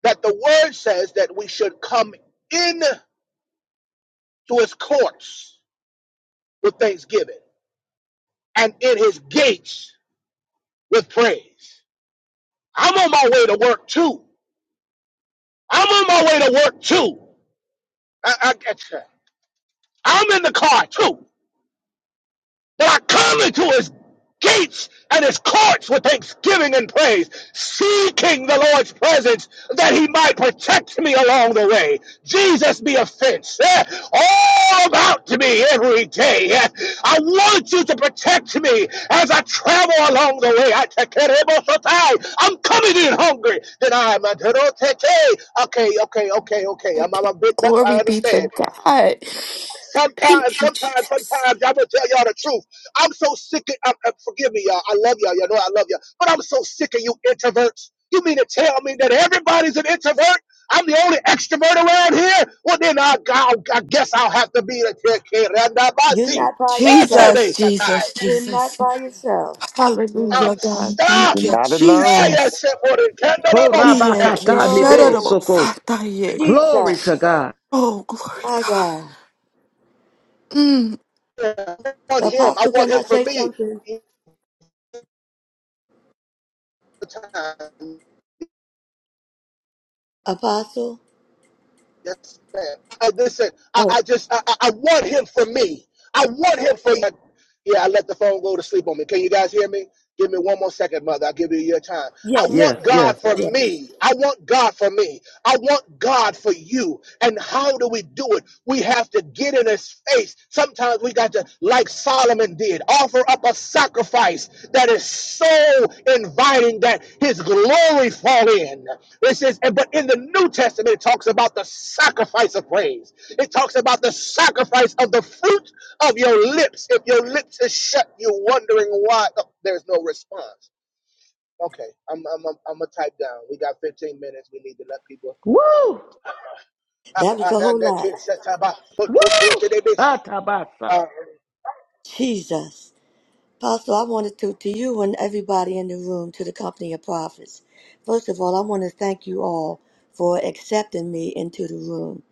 Speaker 1: that the word says that we should come in to his courts with thanksgiving and in his gates with praise. I'm on my way to work too. I'm on my way to work too. I, I, I'm in the car too. But I come into his gates and his courts with thanksgiving and praise, seeking the Lord's presence that he might protect me along the way. Jesus be a fence eh, all about to me every day. eh. I want you to protect me as I travel along the way. I take care of I'm coming in hungry. Then I'm a Okay, okay, okay, okay. I'm, I'm
Speaker 8: Okay.
Speaker 1: a big nuts. I
Speaker 8: Glory be
Speaker 1: understand.
Speaker 8: to God.
Speaker 1: Sometimes,
Speaker 8: Thank you,
Speaker 1: sometimes,
Speaker 8: Jesus.
Speaker 1: sometimes, I'm gonna tell y'all the truth. I'm so sick of, I'm, I'm- forgive me, y'all. I love y'all. Y'all know I love y'all. But I'm so sick of you introverts. You mean to tell me that everybody's an introvert? I'm the only extrovert around here? Well, then I, I, I guess I'll have to be the
Speaker 3: You're
Speaker 1: Kirandabasi.
Speaker 3: not by yourself.
Speaker 8: Jesus, Jesus,
Speaker 3: You're not
Speaker 8: Jesus.
Speaker 3: by yourself.
Speaker 1: I'm
Speaker 3: No.
Speaker 8: Hallelujah, God.
Speaker 1: stuck.
Speaker 8: Thank
Speaker 6: You're
Speaker 8: you,
Speaker 6: not
Speaker 1: Yeah,
Speaker 6: alone.
Speaker 8: Jesus.
Speaker 1: yes, it would.
Speaker 8: Yeah,
Speaker 1: Kandaraboshite.
Speaker 8: okay.
Speaker 7: Korabakata
Speaker 8: Shut up
Speaker 7: nibe
Speaker 3: No.
Speaker 8: about
Speaker 7: soko.
Speaker 8: Satan, yeah.
Speaker 7: Glory to
Speaker 3: Jesus.
Speaker 7: God.
Speaker 8: Oh, glory,
Speaker 3: My
Speaker 8: God.
Speaker 3: God.
Speaker 8: Mm.
Speaker 1: I want him. I
Speaker 3: Apostle,
Speaker 1: want
Speaker 3: can I
Speaker 1: him for
Speaker 3: say
Speaker 1: me.
Speaker 3: something? Apostle?
Speaker 1: Yes, ma'am. I, listen, I,
Speaker 3: Oh,
Speaker 1: I just, I, I I want him for me. I want him for you. Yeah, I let the phone go to sleep on me. Can you guys hear me? Give me one more second, mother. I'll give you your time. I
Speaker 3: yes,
Speaker 7: Yes,
Speaker 1: want God
Speaker 7: yes.
Speaker 1: for
Speaker 3: yes.
Speaker 1: me. I want God for me. I want God for you. And how do we do it? We have to get in his face. Sometimes we got to, like Solomon did, offer up a sacrifice that is so inviting that his glory fall in. It says, and but in the New Testament, it talks about the sacrifice of praise. It talks about the sacrifice of the fruit of your lips. If your lips is shut, you're wondering why oh, there's no response. Okay, I'm I'm I'm, I'm gonna type down. We got 15 minutes. We need to let people.
Speaker 7: Woo!
Speaker 3: That was a whole lot.
Speaker 7: Woo! Atabasa.
Speaker 1: Uh,
Speaker 3: Jesus. Apostle, I wanted to, to you and everybody in the room, to the company of prophets. First of all, I want to thank you all for accepting me into the room.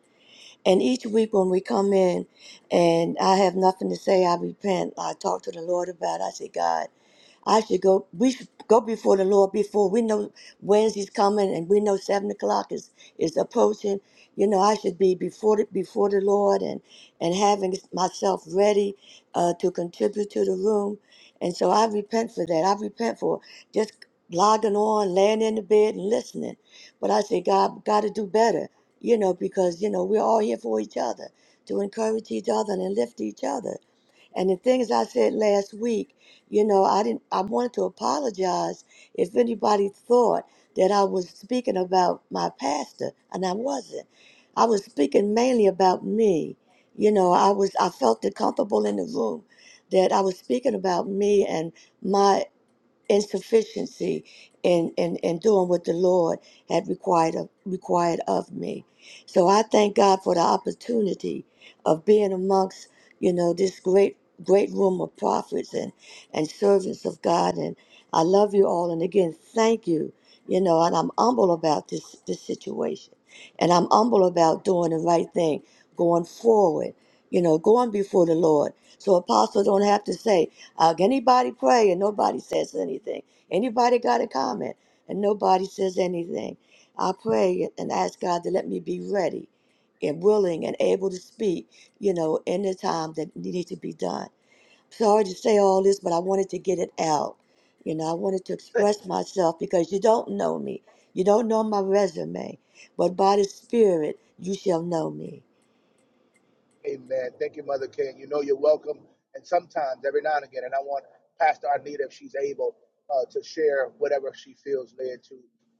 Speaker 3: And each week when we come in and I have nothing to say, I repent. I talk to the Lord about it. I say, God, I should go. We should go before the Lord before we know Wednesday's coming, and we know seven o'clock is is approaching. You know, I should be before the, before the Lord and and having myself ready uh, to contribute to the room. And so I repent for that. I repent for just logging on, laying in the bed, and listening. But I say, God, got to do better. You know, because you know we're all here for each other to encourage each other and lift each other. And the things I said last week, you know, I didn't I wanted to apologize if anybody thought that I was speaking about my pastor, and I wasn't. I was speaking mainly about me. You know, I was I felt it comfortable in the room that I was speaking about me and my insufficiency in, in, in doing what the Lord had required of, required of me. So I thank God for the opportunity of being amongst, you know, this great great room of prophets and, and servants of God. And I love you all. And again, thank you. You know, and I'm humble about this this situation. And I'm humble about doing the right thing, going forward, you know, going before the Lord. So apostles don't have to say, uh, anybody pray and nobody says anything. Anybody got a comment and nobody says anything. I pray and ask God to let me be ready and willing and able to speak, you know, in the time that needs to be done. Sorry to say all this, but I wanted to get it out. You know, I wanted to express myself because you don't know me. You don't know my resume, but by the Spirit, you shall know me.
Speaker 1: Amen. Thank you, Mother King. You know you're welcome. And sometimes, every now and again, and I want Pastor Arnita, if she's able, uh, to share whatever she feels led to.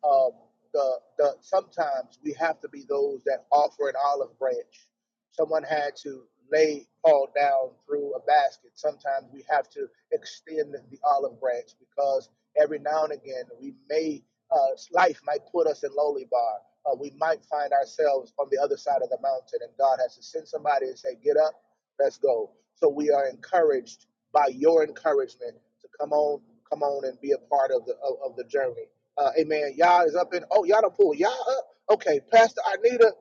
Speaker 1: Um, the the sometimes we have to be those that offer an olive branch. Someone had to lay Paul down through a basket. Sometimes we have to extend the olive branch because every now and again we may uh, life might put us in lowly bar uh, we might find ourselves on the other side of the mountain and God has to send somebody and say, Get up, let's go. So we are encouraged by your encouragement to come on, come on and be a part of the of, of the journey. Uh, amen. Y'all is up in oh y'all don't pull y'all up. Okay, Pastor Anita.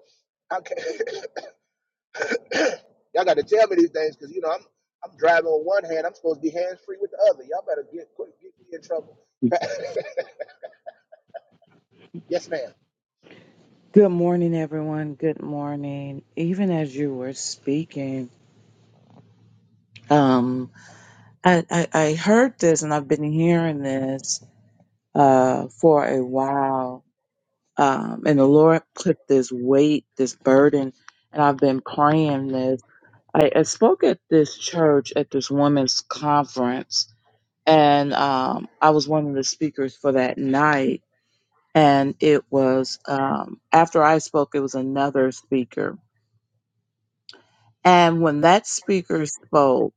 Speaker 1: Okay, (coughs) y'all got to tell me these things because you know I'm I'm driving with one hand. I'm supposed to be hands free with the other. Y'all better get quick, get me in trouble. (laughs) yes, ma'am.
Speaker 9: Good morning, everyone. Good morning. Even as you were speaking, um, I, I, I heard this and I've been hearing this uh, for a while. Um, and the Lord put this weight, this burden, and I've been praying this. I, I spoke at this church at this women's conference, and um, I was one of the speakers for that night. And it was um, after I spoke, it was another speaker And when that speaker spoke,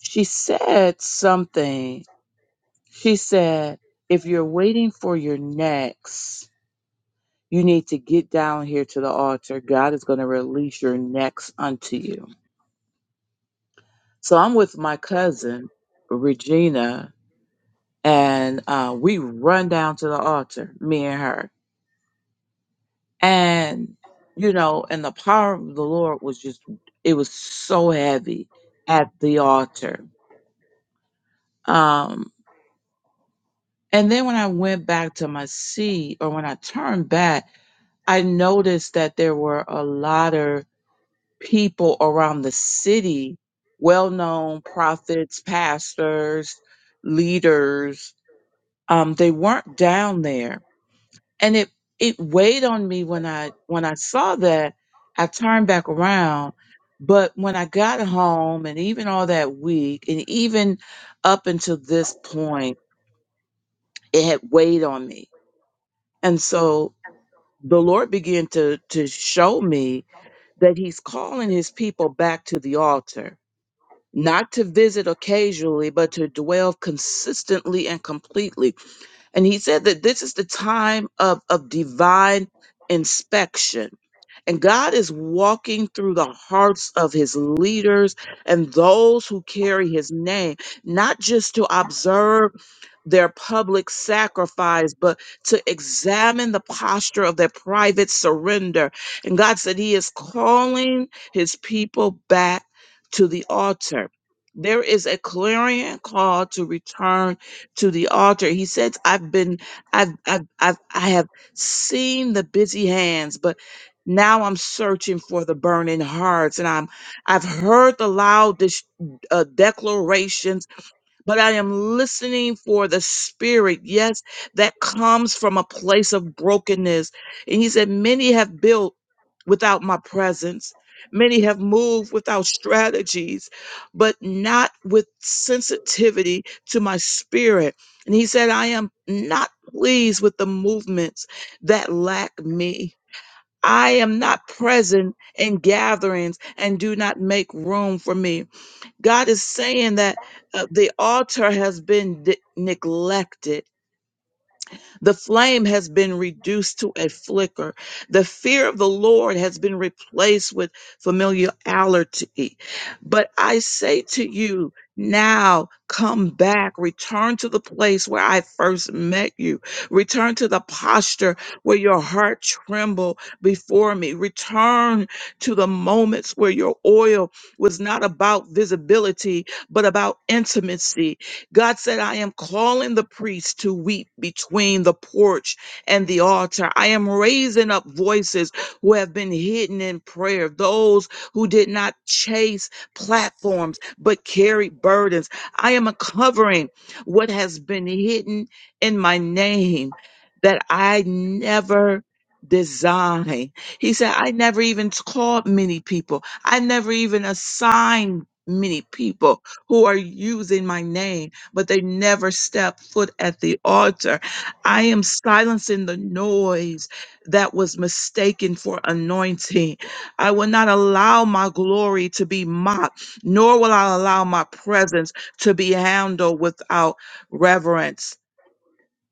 Speaker 9: she said something. She said, If you're waiting for your next, you need to get down here to the altar. God is going to release your next unto you. So I'm with my cousin, Regina, and uh, we run down to the altar, me and her. And, you know, and the power of the Lord was just, it was so heavy at the altar. Um, And then when I went back to my seat, or when I turned back, I noticed that there were a lot of people around the city, well known prophets, pastors, leaders. Um, they weren't down there. And it, it weighed on me when I when I saw that, I turned back around. But when I got home and even all that week and even up until this point, it had weighed on me. And so the Lord began to to show me that He's calling His people back to the altar, not to visit occasionally, but to dwell consistently and completely and he said that this is the time of, of divine inspection. And God is walking through the hearts of his leaders and those who carry his name, not just to observe their public sacrifice, but to examine the posture of their private surrender. And God said he is calling his people back to the altar. There is a clarion call to return to the altar. He says, I've been, I've, I've, I've I have seen the busy hands, but now I'm searching for the burning hearts and I'm, I've heard the loud dis- uh, declarations but I am listening for the spirit, yes, that comes from a place of brokenness. And he said, Many have built without my presence, many have moved without strategies, but not with sensitivity to my spirit. And he said, I am not pleased with the movements that lack me. I am not present in gatherings and do not make room for me. God is saying that uh, the altar has been de- neglected the flame has been reduced to a flicker. The fear of the Lord has been replaced with familiarity. But I say to you, now come back, return to the place where I first met you, return to the posture where your heart trembled before me, return to the moments where your oil was not about visibility, but about intimacy God said, I am calling the priests to weep between the porch and the altar. I am raising up voices who have been hidden in prayer, those who did not chase platforms but carried burdens. I am uncovering what has been hidden in my name that I never designed. He said, I never even called many people, I never even assigned many people who are using my name but they never step foot at the altar. I am silencing the noise that was mistaken for anointing. I will not allow my glory to be mocked, nor will I allow my presence to be handled without reverence.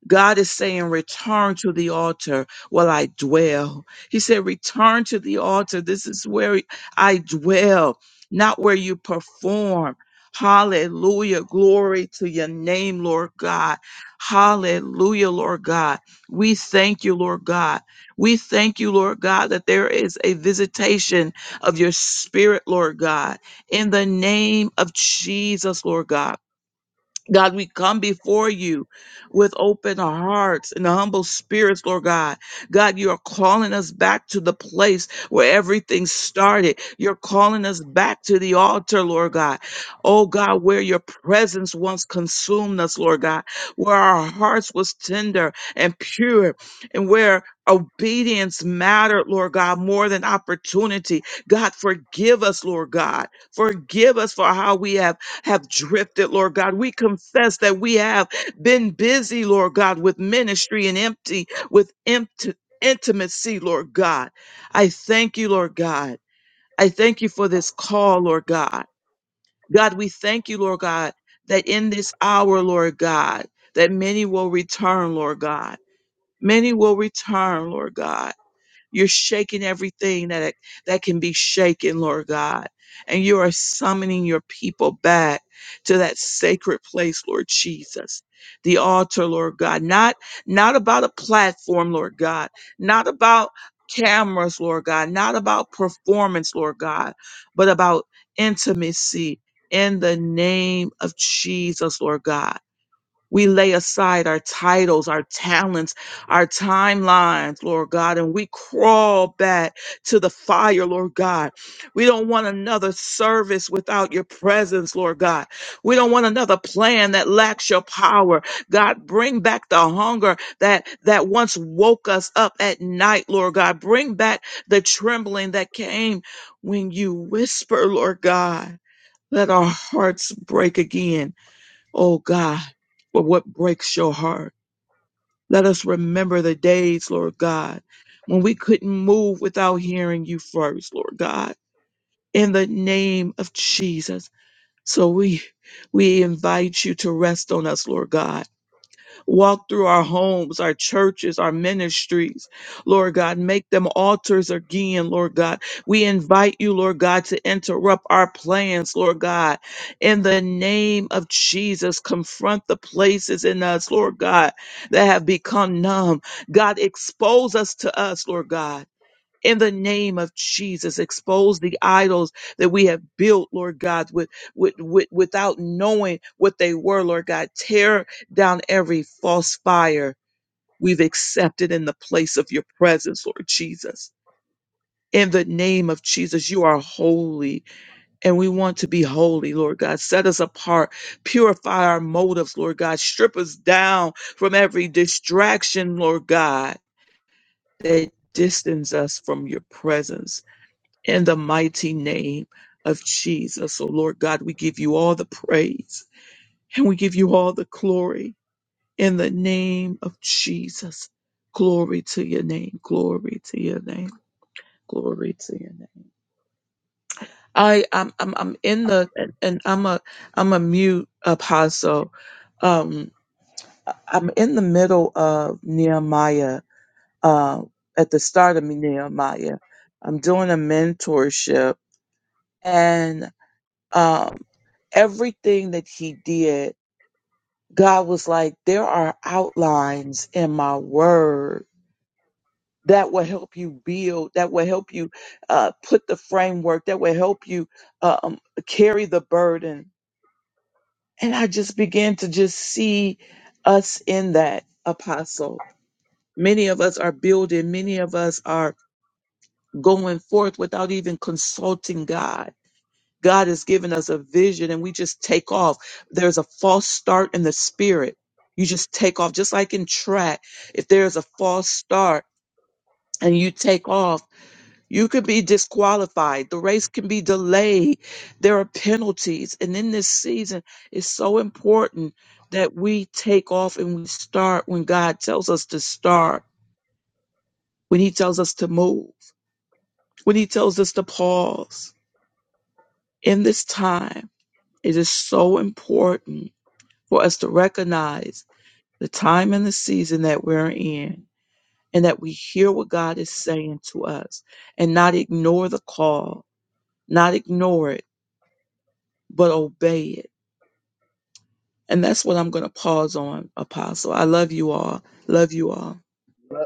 Speaker 9: God is saying, return to the altar while I dwell. He said, return to the altar. This is where I dwell, not where you perform. Hallelujah. Glory to your name, Lord God. Hallelujah, Lord God. We thank you, Lord God. We thank you, Lord God, that there is a visitation of your spirit, Lord God, in the name of Jesus, Lord God. God, we come before you with open hearts and humble spirits, Lord God. God, you are calling us back to the place where everything started. You're calling us back to the altar, Lord God. Oh God, where your presence once consumed us, Lord God, where our hearts was tender and pure and where obedience mattered, Lord God, more than opportunity. God, forgive us, Lord God. Forgive us for how we have have drifted, Lord God. We confess that we have been busy, Lord God, with ministry and empty, with empty intimacy, Lord God. I thank you, Lord God. I thank you for this call, Lord God. God, we thank you, Lord God, that in this hour, Lord God, that many will return, Lord God. Many will return, Lord God. You're shaking everything that that can be shaken, Lord God. And you are summoning your people back to that sacred place, Lord Jesus. The altar, Lord God. Not not about a platform, Lord God. Not about cameras, Lord God. Not about performance, Lord God, but about intimacy in the name of Jesus, Lord God. We lay aside our titles, our talents, our timelines, Lord God, and we crawl back to the fire, Lord God. We don't want another service without your presence, Lord God. We don't want another plan that lacks your power. God, bring back the hunger that, that once woke us up at night, Lord God. Bring back the trembling that came when you whisper, Lord God. Let our hearts break again oh God, for what breaks your heart. Let us remember the days, Lord God, when we couldn't move without hearing you first, Lord God, in the name of Jesus. So we we invite you to rest on us, Lord God. Walk through our homes, our churches, our ministries. Lord God, make them altars again, Lord God. We invite you, Lord God, to interrupt our plans, Lord God. In the name of Jesus, confront the places in us, Lord God, that have become numb. God, expose us to us, Lord God in the name of Jesus. Expose the idols that we have built, Lord God, with, with, with without knowing what they were, Lord God. Tear down every false fire we've accepted in the place of your presence, Lord Jesus. In the name of Jesus, you are holy and we want to be holy, Lord God. Set us apart, purify our motives, Lord God. Strip us down from every distraction, Lord God, that distance us from your presence in the mighty name of Jesus. So, Lord God, we give you all the praise and we give you all the glory in the name of Jesus. Glory to your name. Glory to your name. Glory to your name. I I'm I'm, I'm in the and and I'm a I'm a mute apostle. Um, I- I'm in the middle of Nehemiah. Uh, at the start of Nehemiah, I'm doing a mentorship and Um, everything that he did, God was like, there are outlines in my word that will help you build, that will help you uh, put the framework, that will help you um, carry the burden. And I just began to just see us in that apostle. Many of us are building, many of us are going forth without even consulting God God has given us a vision and we just take off. There's a false start in the spirit. You just take off, just like in track. If there's a false start and you take off, you could be disqualified. The race can be delayed. There are penalties. And in this season, it's so important that we take off and we start when God tells us to start, when He tells us to move, when He tells us to pause. In this time, it is so important for us to recognize the time and the season that we're in and that we hear what God is saying to us and not ignore the call, not ignore it, but obey it. And that's what I'm going to pause on, Apostle. I love you all. Love you all.
Speaker 1: Lo-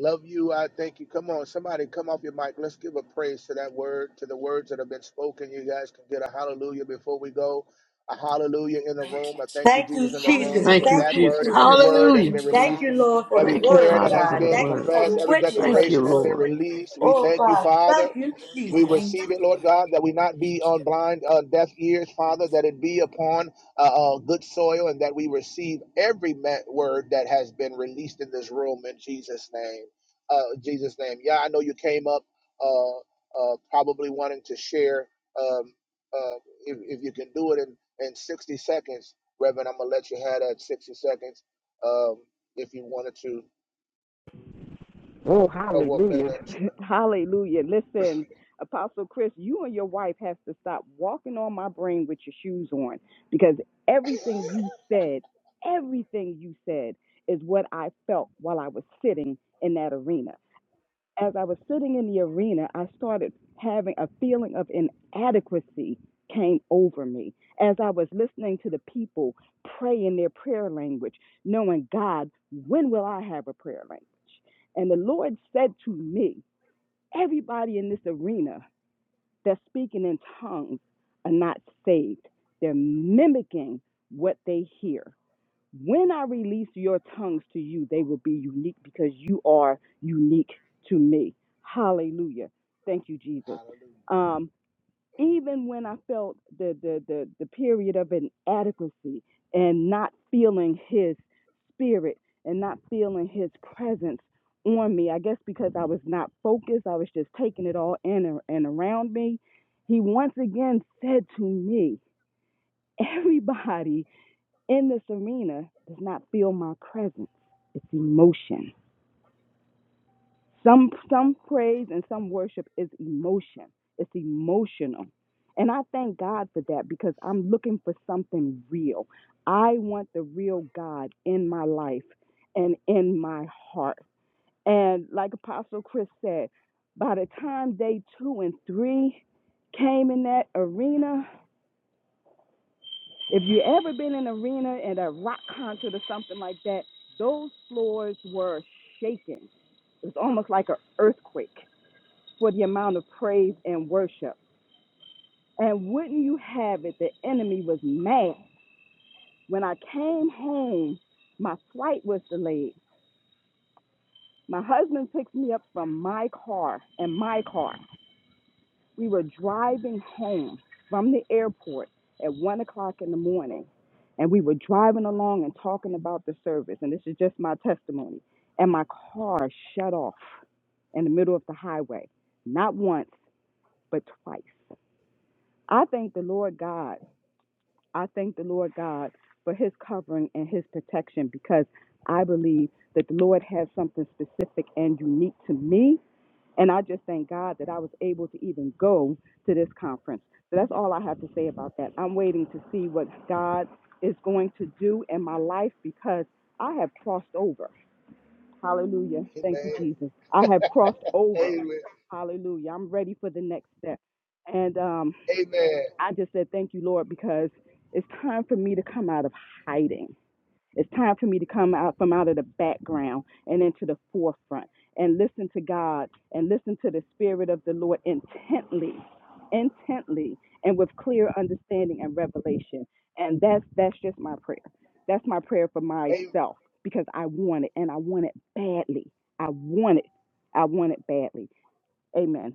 Speaker 1: Love you. I thank you. Come on, somebody come off your mic. Let's give a praise to that word, to the words that have been spoken. You guys can get a hallelujah before we go. A hallelujah in the
Speaker 8: Thank
Speaker 1: room.
Speaker 8: you,
Speaker 1: I
Speaker 8: Jesus.
Speaker 1: thank you,
Speaker 3: Thank you,
Speaker 1: Jesus, in the room
Speaker 3: Jesus.
Speaker 1: for
Speaker 8: Hallelujah.
Speaker 7: Thank you,
Speaker 3: Thank
Speaker 1: that
Speaker 3: you,
Speaker 7: Jesus.
Speaker 1: word and every
Speaker 3: Jesus.
Speaker 1: word that's
Speaker 7: Hallelujah.
Speaker 1: been
Speaker 8: Thank you,
Speaker 3: Thank
Speaker 1: released,
Speaker 3: you,
Speaker 8: Father, for your
Speaker 3: Lord, for
Speaker 1: every
Speaker 3: the
Speaker 7: Thank
Speaker 8: word.
Speaker 7: you,
Speaker 1: prayer
Speaker 3: word,
Speaker 1: that
Speaker 8: Thank
Speaker 7: Father,
Speaker 8: you,
Speaker 1: has
Speaker 7: for
Speaker 3: God.
Speaker 7: the
Speaker 8: Lord.
Speaker 1: been
Speaker 3: Thank you
Speaker 7: word.
Speaker 3: for
Speaker 1: professed,
Speaker 3: the
Speaker 8: Thank
Speaker 1: every
Speaker 8: you,
Speaker 3: witness of
Speaker 7: Thank
Speaker 3: the
Speaker 1: declaration
Speaker 7: you,
Speaker 1: that's
Speaker 8: Jesus.
Speaker 3: word.
Speaker 1: been
Speaker 7: Lord.
Speaker 1: released. We
Speaker 3: Oh,
Speaker 8: Thank
Speaker 1: thank
Speaker 8: you.
Speaker 1: you,
Speaker 3: God.
Speaker 1: Father.
Speaker 3: Thank you, Jesus.
Speaker 1: We
Speaker 8: Thank
Speaker 1: receive
Speaker 8: you,
Speaker 1: it, Lord
Speaker 8: Lord.
Speaker 1: God, that we not be
Speaker 8: Thank
Speaker 1: on blind, uh, deaf ears, Father,
Speaker 8: you.
Speaker 1: that it be upon uh, uh, good soil and that we receive every ma- word that has been released in this room in Jesus' name. Uh, Jesus' name. Yeah, I know you came up uh, uh, probably wanting to share. Um, uh, if, if you can do it in, in 60 seconds, Reverend, I'm going to let you have that 60 seconds um, if you wanted to.
Speaker 10: Oh,
Speaker 1: Oh, what, and,
Speaker 10: hallelujah.
Speaker 1: uh,
Speaker 10: (laughs) hallelujah. Listen, Apostle Chris, you and your wife has to stop walking on my brain with your shoes on because everything you said, everything you said is what I felt while I was sitting in that arena as I was sitting in the arena, I started having a feeling of inadequacy came over me as I was listening to the people pray in their prayer language, knowing, God, when will I have a prayer language? And the Lord said to me, Everybody in this arena that's speaking in tongues are not saved. They're mimicking what they hear. When I release your tongues to you, they will be unique because you are unique to me. Hallelujah. Thank you, Jesus.
Speaker 1: hallelujah.
Speaker 10: Um, even when I felt the, the, the, the period of inadequacy and not feeling his spirit and not feeling his presence on me, I guess because I was not focused, I was just taking it all in and and around me. He once again said to me, (laughs) Everybody in this arena does not feel my presence. It's emotion. Some some praise and some worship is emotion. It's emotional. And I thank God for that because I'm looking for something real. I want the real God in my life and in my heart. And like Apostle Chris said, by the time day two and three came in that arena, If you ever been in an arena and a rock concert or something like that, those floors were shaking. It was almost like an earthquake for the amount of praise and worship. And wouldn't you have it, the enemy was mad. When I came home, my flight was delayed. My husband picked me up from my car and my car. We were driving home from the airport at one o'clock in the morning, and we were driving along and talking about the service. And this is just my testimony. And my car shut off in the middle of the highway, not once, but twice. I thank the Lord God. I thank the Lord God for his covering and his protection because I believe that the Lord has something specific and unique to me and I just thank God that I was able to even go to this conference. So that's all I have to say about that. I'm waiting to see what God is going to do in my life because I have crossed over. Hallelujah. Thank you,
Speaker 1: Amen.
Speaker 10: Jesus. I have crossed over.
Speaker 1: Amen.
Speaker 10: Hallelujah. I'm ready for the next step. And um, I just said, Thank you, Lord, because it's time for me to come out of hiding. It's time for me to come out from out of the background and into the forefront and listen to God and listen to the Spirit of the Lord intently, intently, and with clear understanding and revelation. And that's that's just my prayer. That's my prayer for
Speaker 1: Amen.
Speaker 10: myself because I want it and I want it badly. I want it. I want it badly. Amen.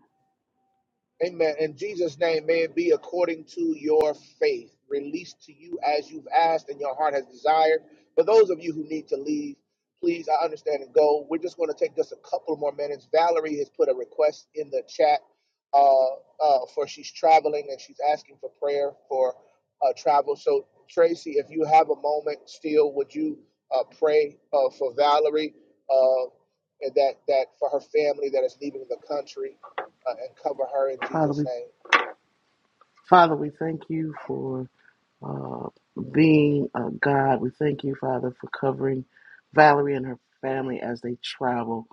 Speaker 1: Amen. In Jesus' name, may it be according to your faith, released to you as you've asked and your heart has desired. For those of you who need to leave, please, I understand and go. We're just going to take just a couple more minutes. Valerie has put a request in the chat uh, uh, for she's traveling and she's asking for prayer for uh, travel. So, Tracy, if you have a moment still, would you uh, pray uh, for Valerie uh, and that, that for her family that is leaving the country? uh, and cover her in
Speaker 7: Father,
Speaker 1: Jesus'
Speaker 7: we
Speaker 1: name.
Speaker 7: Father, we thank you for uh, being uh, God. We thank you, Father, for covering Valerie and her family as they travel.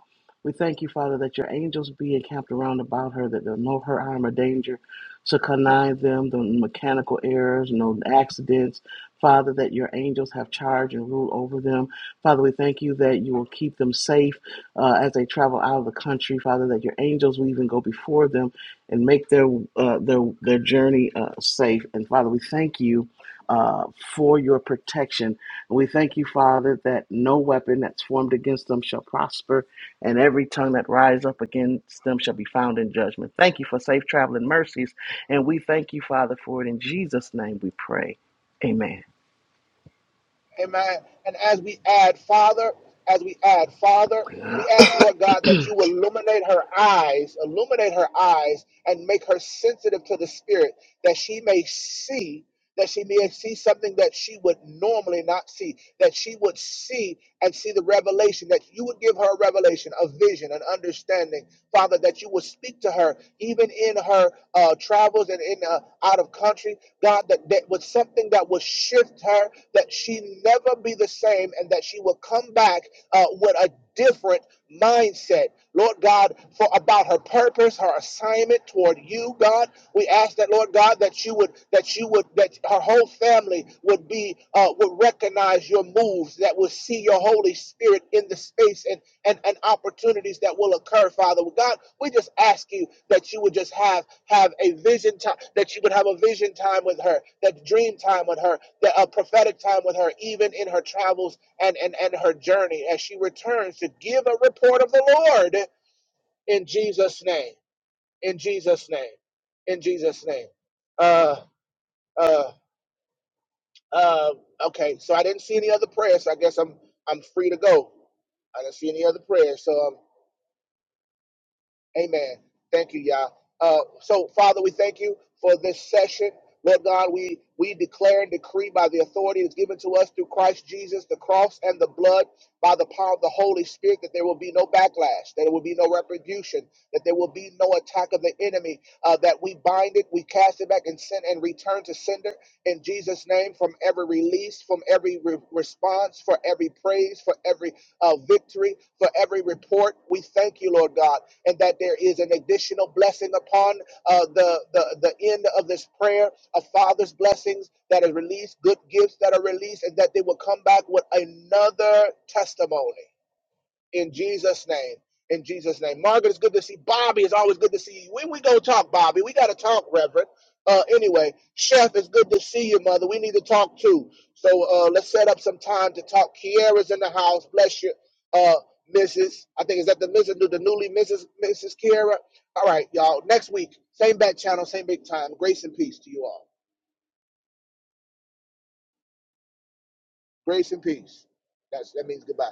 Speaker 7: We thank you, Father, that your angels be encamped around about her, that they will know her harm, or danger to connive them, the mechanical errors, no accidents. Father, that your angels have charge and rule over them. Father, we thank you that you will keep them safe uh, as they travel out of the country. Father, that your angels will even go before them and make their uh, their their journey uh, safe. And Father, we thank you uh, for your protection. And we thank you, Father, that no weapon that's formed against them shall prosper, and every tongue that rise up against them shall be found in judgment. Thank you for safe traveling mercies, and we thank you, Father, for it. In Jesus' name we pray. Amen.
Speaker 1: Amen. And as we add, Father, as we add, Father, we ask, Lord God, that you illuminate her eyes, illuminate her eyes, and make her sensitive to the Spirit, that she may see, that she may see something that she would normally not see, that she would see and see the revelation, that you would give her a revelation, a vision, an understanding, Father, that you would speak to her even in her uh, travels and in uh, out of country, God, that that was something that would shift her, that she never be the same, and that she will come back uh, with a different mindset. Lord God, for about her purpose, her assignment toward you, God, we ask that, Lord God, that you would, that you would, that her whole family would be, uh, would recognize your moves, that would see your Holy Spirit in the space and and, and opportunities that will occur, Father. God, we just ask you that you would just have have a vision time, that you would have a vision time with her, that dream time with her, that a prophetic time with her, even in her travels and, and, and her journey as she returns to give a report of the Lord in Jesus' name. In Jesus' name. In Jesus' name. Uh uh uh okay, so I didn't see any other prayers, so I guess I'm I'm free to go. I didn't see any other prayers, so I'm Amen. Thank you, Yah. Uh, so, Father, we thank you for this session. Lord God, we, we declare and decree by the authority that's given to us through Christ Jesus, the cross and the blood, by the power of the Holy Spirit, that there will be no backlash, that there will be no retribution, that there will be no attack of the enemy, uh, that we bind it, we cast it back and send and return to sender in Jesus' name from every release, from every re- response, for every praise, for every uh, victory, for every report. We thank you, Lord God and that there is an additional blessing upon uh, the, the, the end of this prayer of Father's blessings that are released, good gifts that are released, and that they will come back with another testimony in Jesus' name. In Jesus' name. Margaret, it's good to see. Bobby, it's always good to see you. When we go talk, Bobby, we got to talk, Reverend. Uh, anyway, Chef, it's good to see you, Mother. We need to talk too. So uh, let's set up some time to talk. Kiara's in the house. Bless you, uh, Mrs. I think is that the Mrs. The newly Mrs. Mrs. Kiara. All right, y'all. Next week, same bat channel, same big time. Grace and peace to you all. Grace and peace. That's that means goodbye.